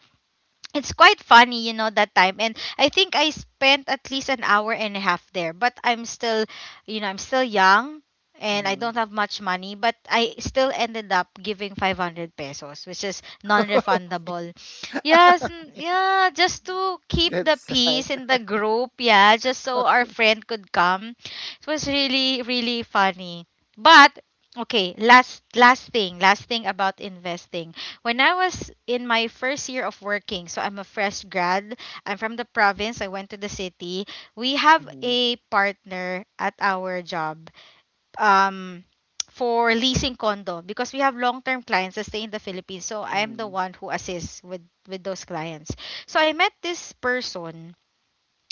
It's quite funny, that time. And I think I spent at least an hour and a half there. But I'm still young, and I Mm-hmm. don't have much money. But I still ended up giving 500 pesos, which is non refundable. Yes, yeah, just to keep the That's sad. peace in the group. Yeah, just so our Okay. friend could come. It was really, really funny. But okay, last thing about investing. When I was in my first year of working, so I'm a fresh grad. I'm from the province. I went to the city. We have Mm-hmm. a partner at our job. Um for leasing condo, because we have long-term clients that stay in the Philippines. So I am the Mm-hmm. one who assists with those clients. So I met this person,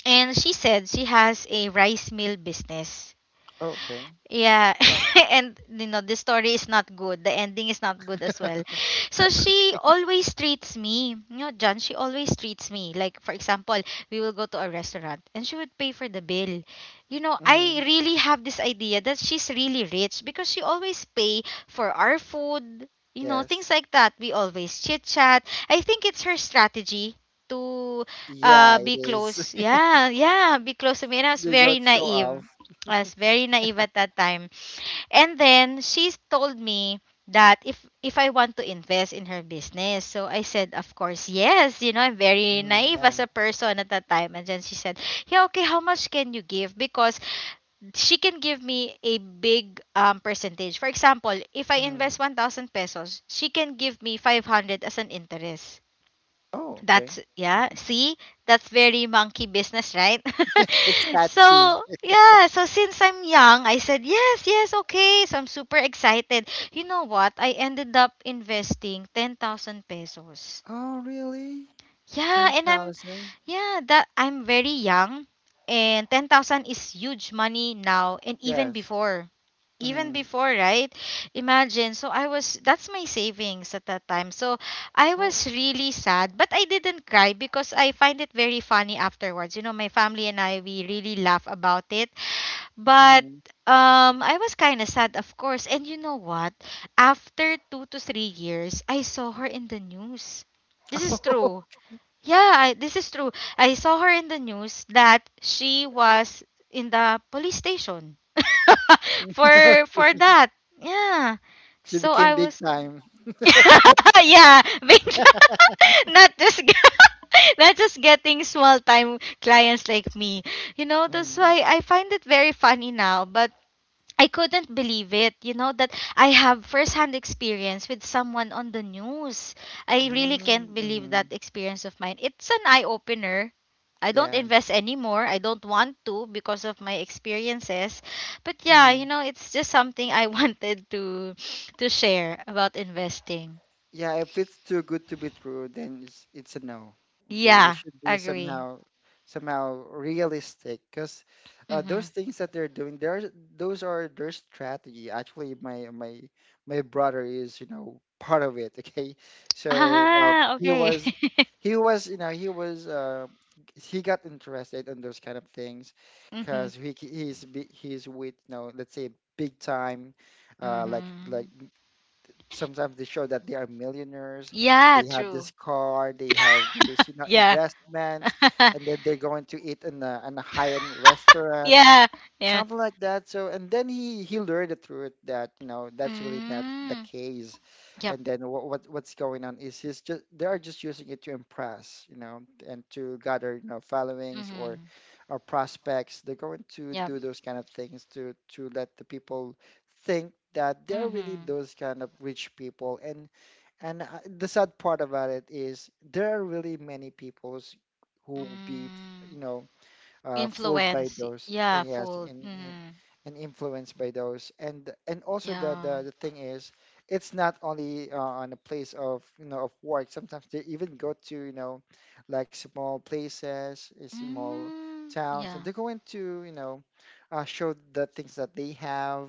and she said she has a rice mill business. Okay. Yeah, and you know, the story is not good. The ending is not good as well. So she always treats me, you know, John. She always treats me. Like, for example, we will go to a restaurant and she would pay for the bill. You know, Mm-hmm. I really have this idea that she's really rich because she always pay for our food. You know, Yes. things like that. We always chit chat. I think it's her strategy to Yeah, it be is. close. Yeah, yeah, be close to me. And I was They very got show naive. off. I was very naive at that time. And then she told me that if I want to invest in her business. So I said, of course, yes. You know, I'm very Mm, naive yeah. as a person at that time. And then she said, yeah, okay, how much can you give? Because she can give me a big percentage. For example, if I Mm-hmm. invest 1,000 pesos, she can give me 500 as an interest. Oh, That's, okay. yeah. See, that's very monkey business, right? It's catchy. So, yeah. So since I'm young, I said yes, yes, okay. So I'm super excited. You know what? I ended up investing 10,000 pesos. Oh, really? Yeah, 10,000? That I'm very young, and 10,000 is huge money now and even Yes. before. Even Mm-hmm. before, right? Imagine. So I was that's my savings at that time. So I Oh. was really sad, but I didn't cry because I find it very funny afterwards. You know, my family and I, we really laugh about it. But Mm-hmm. I was kind of sad, of course. And you know what? After 2 to 3 years, I saw her in the news. This is true. Yeah, this is true. I saw her in the news that she was in the police station for that. Yeah. She So became I big was, time. yeah, not just g- not just getting small time clients like me. You know, that's Mm-hmm. why I find it very funny now, but I couldn't believe it, you know, that I have first-hand experience with someone on the news. I really can't believe Mm-hmm. that experience of mine. It's an eye-opener. I don't Yes. invest anymore. I don't want to because of my experiences. But yeah, you Mm-hmm. know, it's just something I wanted to share about investing. Yeah, if it's too good to be true, then it's a no. Okay, it Yeah, should be agree. somehow realistic because those Mhm. things that they're doing, there those are their strategy. Actually, my my brother is, you know, part of it. Okay, so Ah, he okay. was you know he was he got interested in those kind of things Mhm. because he's he's with, you know, let's say big time, like Mhm. sometimes they show that they are millionaires, Yeah, they have true. this car, they have this, you know, Yeah. investments, and then they're going to eat in a high-end restaurant, Yeah. Yeah. something like that. So, and then he learned the truth that, you know, that's really not the Mm. case. Yep. And then what, what's going on is he's just, they are just using it to impress, you know, and to gather, you know, followings or Mm-hmm. Prospects. They're going to Yep. do those kind of things to let the people think that they're really Mm-hmm. those kind of rich people, and the sad part about it is there are really many peoples who will be, you Mm. know, fooled by Influence. those, and Yeah, yes, fold. Mm-hmm. and influenced by those. And also Yeah. The thing is, it's not only on a place of, you know, of work. Sometimes they even go to, you know, like small places, small Mm. towns, and Yeah. they go into, you know, show the things that they have.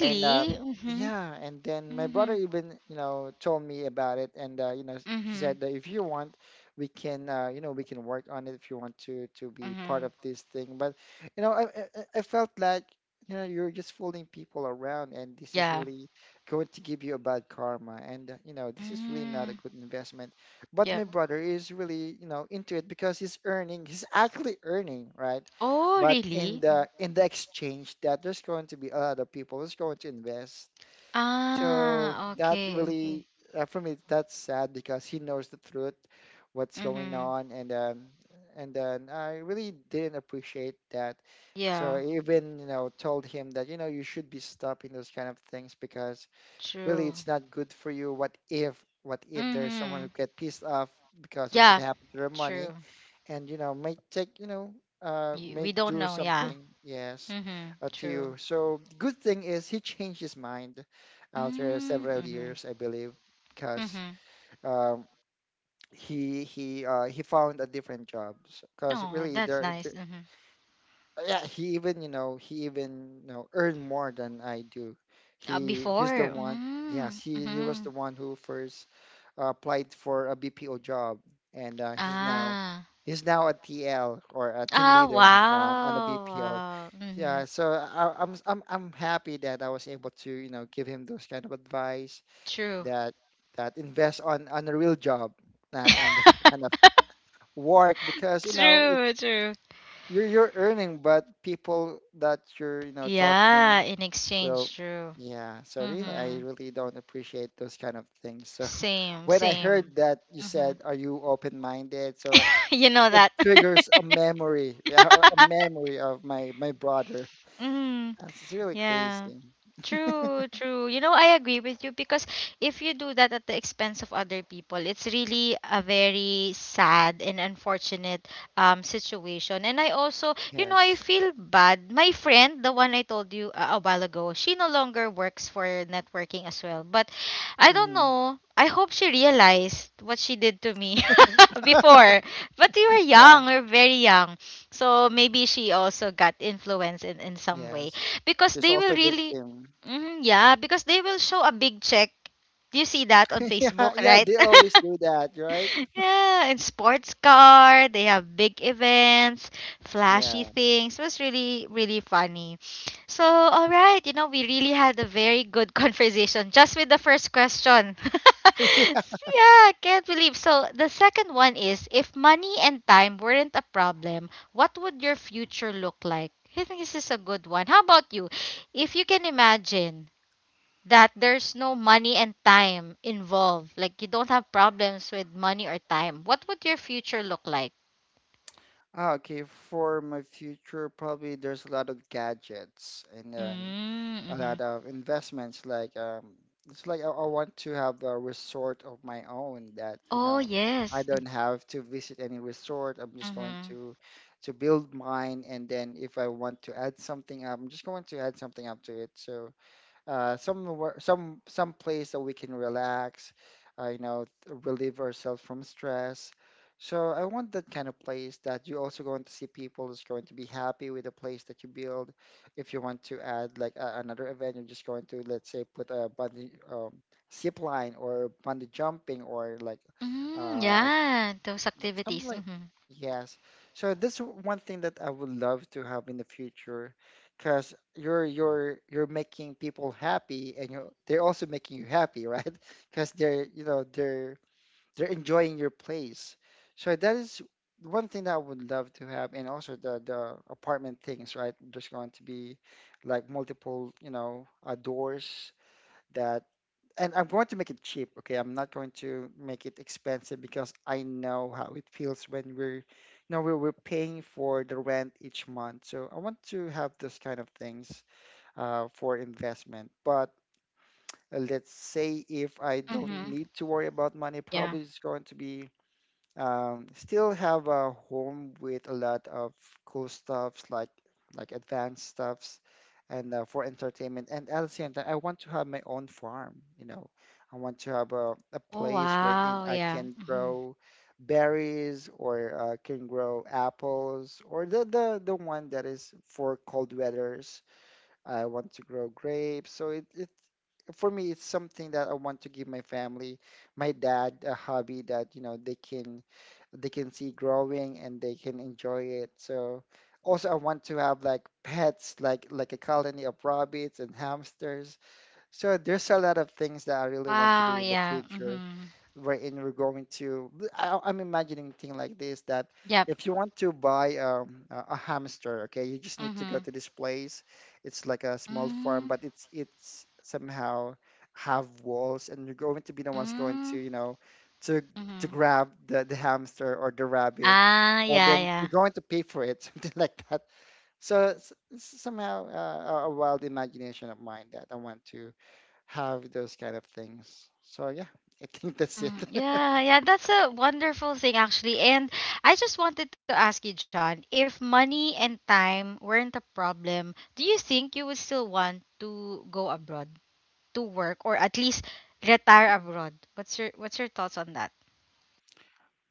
And uh, Mm-hmm. yeah, and then my Mm-hmm. brother even, you know, told me about it. And uh, you know, he Mm-hmm. said that if you want, we can uh, you know, we can work on it if you want to be part Mm-hmm. of this thing, but, you know, I felt like, you know, you're just fooling people around, and this is Yeah. really going to give you a bad karma. And you know, this is really not a Mm. good investment. But Yep. my brother is really, you know, into it because he's earning, he's actually earning, right? Oh, But in really? the Mm. Exchange that there's going to be a lot of people who's going to invest. So Ah, that okay, really, okay. For me, that's sad because he knows the truth what's going Mm-hmm. on. And um, and then I really didn't appreciate that. So Yeah, I even, you know, told him that, you know, you should be stopping those kind of things because really true. it's not good for you. What if, there's someone Mm-hmm. who get pissed off because of what Yeah, happened to their money, true. and you know, may take, you know, uh, may We don't do know, yeah. something, yes, Mm-hmm. To True. you. So good thing is he changed his mind after several Mm-hmm. years, I believe, because Mhm. um, he found a different job because Oh, really that's nice. there, Mhm. yeah, he even, you know, he even, you know, earned more than I do. He he's the Before. one, yes, Mm. He was the Mhm. one who first applied for a BPO job. And he's now Ah. A TL or a team Ah, leader on a BPO. wow. Wow. Yeah, Mhm. so I'm happy that I was able to, you know, give him those kind of advice True. that invest on a real job, not on this kind of work, because, you know, True, true. You're earning, but people that you're, you know, Yeah, talking in will, exchange, true. yeah. So really, I Mhm. really don't appreciate those kind of things. So Same, when I same. heard that you said, Mhm. "Are you open-minded?" So You know it that. triggers a memory, yeah, a memory of my brother. Mhm. That's- It's really Yeah. crazy. True, true. You know, I agree with you because if you do that at the expense of other people, it's really a very sad and unfortunate situation. And I also, you know, I Yes. feel bad. My friend, the one I told you a while ago, she no longer works for networking as well. But I don't Hmm. know. I hope she realized what she did to me before. But we were Yeah. young, we are very young. So maybe she also got influenced in some way, Yes. because There's they will also really, victim. hmm, yeah, because they will show a big check. Do you see that on Yeah. Facebook, Yeah. right? They always do that, right? Yeah, in sports car, they have big events, flashy Yeah. things. It was really, really funny. So, all right, you know, we really had a very good conversation just with the first question. Yeah, can't believe. So, the second one is, if money and time weren't a problem, what would your future look like? I think this is a good one. How about you? If you can imagine that there's no money and time involved. Like, you don't have problems with money or time. What would your future look like? Ah, okay, for my future, probably there's a lot of gadgets and then a Mm-hmm. lot of investments. Like, it's like I want to have a resort of my own that, you Oh, know, I yes. don't have to visit any resort. I'm just going Mm-hmm. to build mine, and then if I want to add something up, I'm just going to add something up to it. So somewhere, some place that we can relax, you know, relieve ourselves from stress. So I want that kind of place that you're also going to see people is going to be happy with the place that you build. If you want to add like another event, you're just going to, let's say, put a bungee zip line or bungee jumping or Mm, uh, yeah, those like something activities. like Mm-hmm. yes so this w- one thing that I would love to have in the future, because you're making people happy, and you're they're also making you happy, right? Because they're enjoying your place. So that is one thing that I would love to have. And also the apartment things, right? There's going to be like multiple, you know, doors that and I'm going to make it cheap, okay? I'm not going to make it expensive, because I know how it feels when we're, you know, we're paying for the rent each month. So I want to have those kind of things for investment. But let's say if I don't Mm-hmm. need to worry about money, Yeah. probably it's going to be, still have a home with a lot of cool stuffs, like advanced stuffs and, for entertainment. And at the same time, I want to have my own farm, you know. I want to have a Oh, place wherein wow. I Yeah. can Mm-hmm. grow berries, or can grow apples, or the, the one that is for cold weathers. I want to grow grapes. So it for me, it's something that I want to give my family, my dad, a hobby that, you know, they can, they can see growing, and they can enjoy it. So also I want to have like pets, like a colony of rabbits and hamsters. So there's a lot of things that I really want to do Wow. in the Yeah. future, Mm-hmm. wherein we're going to I, I'm imagining thing like this, that Yep. if you want to buy a hamster, okay, you just need to go Mm-hmm. to this place. It's like a small farm, Mm-hmm. but it's somehow have walls, and you're going to be the ones going to, you know, to to Mm-hmm. grab the hamster or the rabbit, Ah, and yeah, then yeah. you're going to pay for it. Something like that. So it's somehow, a wild imagination of mine, that I want to have those kind of things. So yeah, I think that's it. Mhm. Yeah, yeah, that's a wonderful thing actually. And I just wanted to ask you, John, if money and time weren't a problem, do you think you would still want to go abroad to work or at least retire abroad? What's your thoughts on that?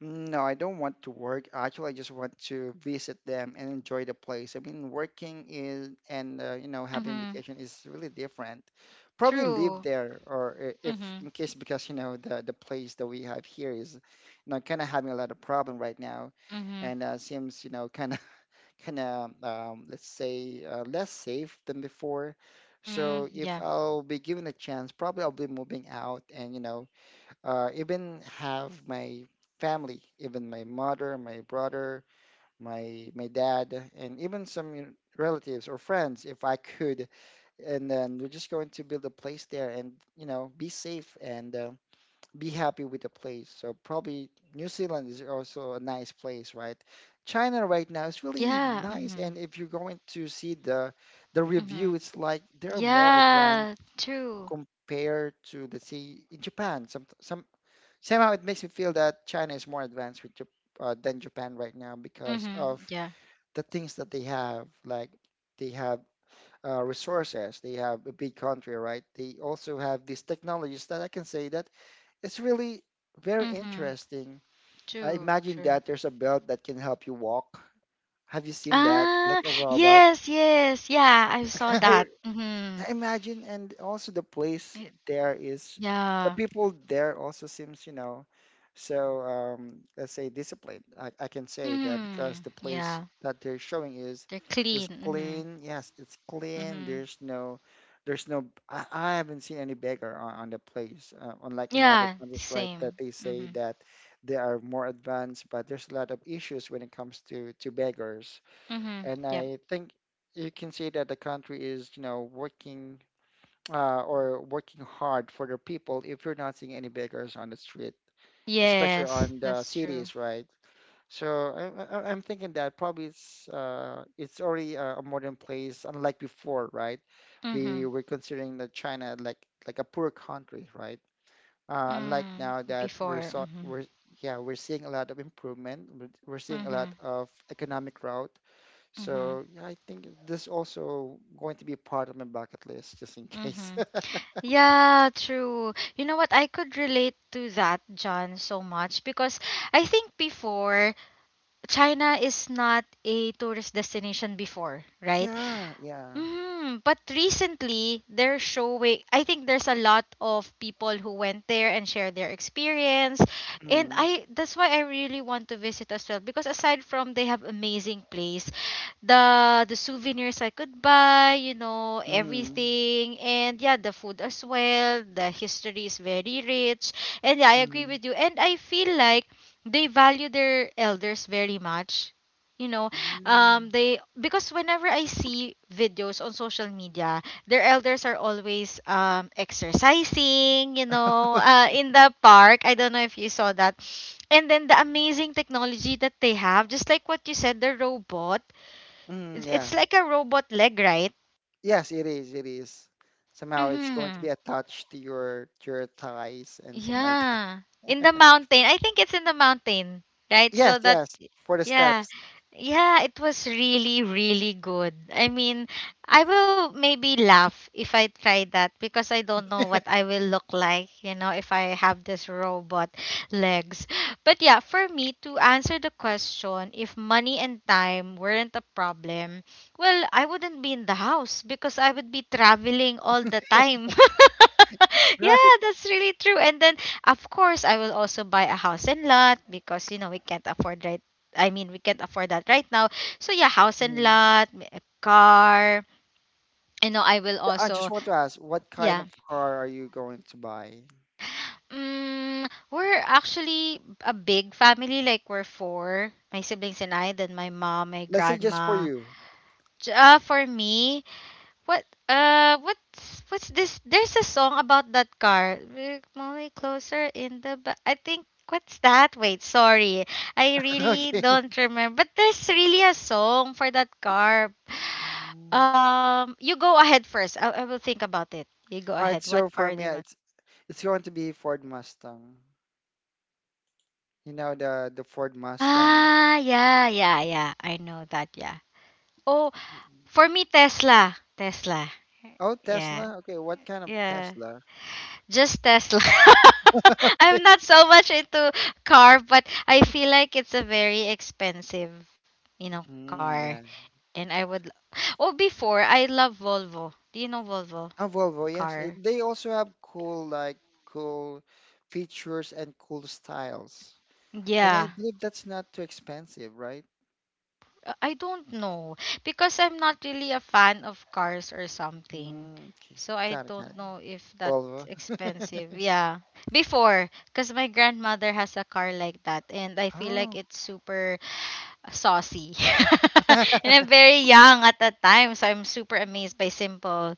No, I don't want to work. Actually, I just want to visit them and enjoy the place. I mean, working is, and, you know, having Mhm. vacation is really different. Probably True. live there, or if, Mhm. in case, because, you know, the place that we have here is, you know, kind of having a lot of problem right now, Mhm. and, seems, you know, kind of kind of, let's say, less safe than before. Mm, So if yeah. I'll be given a chance, probably I'll be moving out, and, you know, even have my family, even my mother, my brother, my dad, and even some, you know, relatives or friends, if I could. And then we're just going to build a place there, and, you know, be safe and, be happy with the place. So probably New Zealand is also a nice place, right? China right now is really Yeah. nice, Mhm. and if you're going to see the review, Mhm. it's like they're more advanced Yeah, true. compared to, let's say, in Japan. Somehow it makes me feel that China is more advanced with than Japan right now, because of Mhm. Yeah. the things that they have. Like they have, resources, they have a big country, right? They also have these technologies that I can say that it's really very Mhm. interesting. I True. imagine that True. there's a belt that can help you walk. Have you seen that? Like Ah, a robot. yes, yes. Yeah, I saw that. Mhm. I imagine, and also the place, It- there is, the Yeah. people there also seems, you know, so, let's say, disciplined. I can say that because Mm. the place Yeah. that they're showing is They're is clean. Mhm. clean. Yes, it's clean. Mhm. There's no, there's no. I haven't seen any beggar on the place, unlike in other Yeah, countries, right? That same. they say Mhm. that they are more advanced, but there's a lot of issues when it comes to beggars. Mhm. And Yep. I think you can see that the country is, you know, working, or working hard for the people, if you're not seeing any beggars on the street, especially Yes, on the that's true. cities, right? So I'm thinking that probably it's, it's already a modern place, unlike before, right? We Mhm. were considering that China like a poor country, right? Unlike Mm. now that we're Before. so Mhm. we're yeah, we're seeing a lot of improvement, we're seeing a lot Mhm. of economic growth. Mhm. So yeah, I think this also going to be part of my bucket list, just in case. Mhm. Yeah, true. You know what? I could relate to that, John, so much because I think before, China is not a tourist destination before, right? Yeah, yeah. Mhm. But recently, they're showing. I think there's a lot of people who went there and shared their experience, and Mm, I that's why I really want to visit as well because aside from they have amazing place, the souvenirs I could buy, you know, mm, everything, and yeah, the food as well. The history is very rich, and yeah, I agree mm, with you, and I feel like they value their elders very much, you know, mm. they because whenever I see videos on social media, their elders are always exercising, Okay. in the park. I don't know if you saw that. And then the amazing technology that they have, just like what you said, the robot, Mm, it's, yeah. it's like a robot leg, right? Yes, it is. It is. Somehow it's going to Mm-hmm. be attached to your thighs and something like that. Yeah, in the mountain, I think it's in the mountain, right? Yes, So that. yes, for the Yeah. steps. Yeah, it was really, really good. I mean, I will maybe laugh if I try that because I don't know what I will look like, you know, if I have this robot legs. But yeah, for me to answer the question, if money and time weren't a problem, well, I wouldn't be in the house because I would be traveling all the time. Yeah, Right. that's really true. And then, of course, I will also buy a house and lot because you know we can't afford, right? I mean, we can't afford that right now. So yeah, house and Mm. lot, a car. You know, I will Yeah, I just also, want to ask, what kind yeah. of car are you going to buy? Mm, we're actually a big family. Like, we're four, my siblings and I. Then my mom, my Let's say just for grandma. you. For me, what's this, there's a song about that car. Look, Molly closer I think, what's that? Wait, sorry. I really Okay. don't remember. But there's really a song for that car. Mm. You go ahead first. I will think about it. You go All right, ahead. so What for car me, do you want? it's going to be Ford Mustang. You know the Ford Mustang. Ah, yeah, yeah, yeah. I know that, yeah. Oh, for me, Tesla. Tesla. Oh, Yeah. Tesla. Okay, what kind of Yeah. Tesla? Just Tesla. I'm not so much into car, but I feel like it's a very expensive, you know, car. Mm, yeah. And I would Oh, before I love Volvo. Do you know Volvo Oh, Volvo. Yes, car? it, they also have cool, like cool features and cool styles. And Yeah. I believe that's not too expensive, right? I don't know because I'm not really a fan of cars or something. Mm, okay, So I don't got it. know if that's Volvo. expensive. Yeah. Before, because my grandmother has a car like that and I feel like Oh, it's super saucy. And I'm very young at that time, so I'm super amazed by simple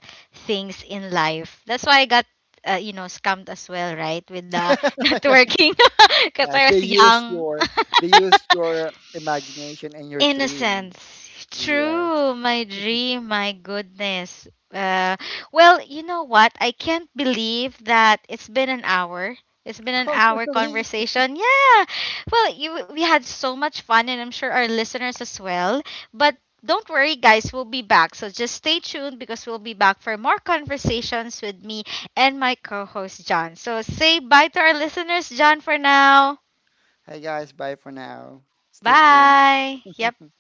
things in life. That's why I got, scammed as well, right? With the not yeah. working because I They was use young. your, they use your imagination and your dream. Innocence. Yes. True, my dream, my goodness. Uh, well, you know what? I can't believe that it's been an hour. It's been an Oh, hour really? conversation. Yeah. Well, we had so much fun, and I'm sure our listeners as well. But don't worry, guys, we'll be back. So just stay tuned because we'll be back for more conversations with me and my co host, John. So say bye to our listeners, John, for now. Hey guys, bye for now. Stay tuned. Bye. Yep.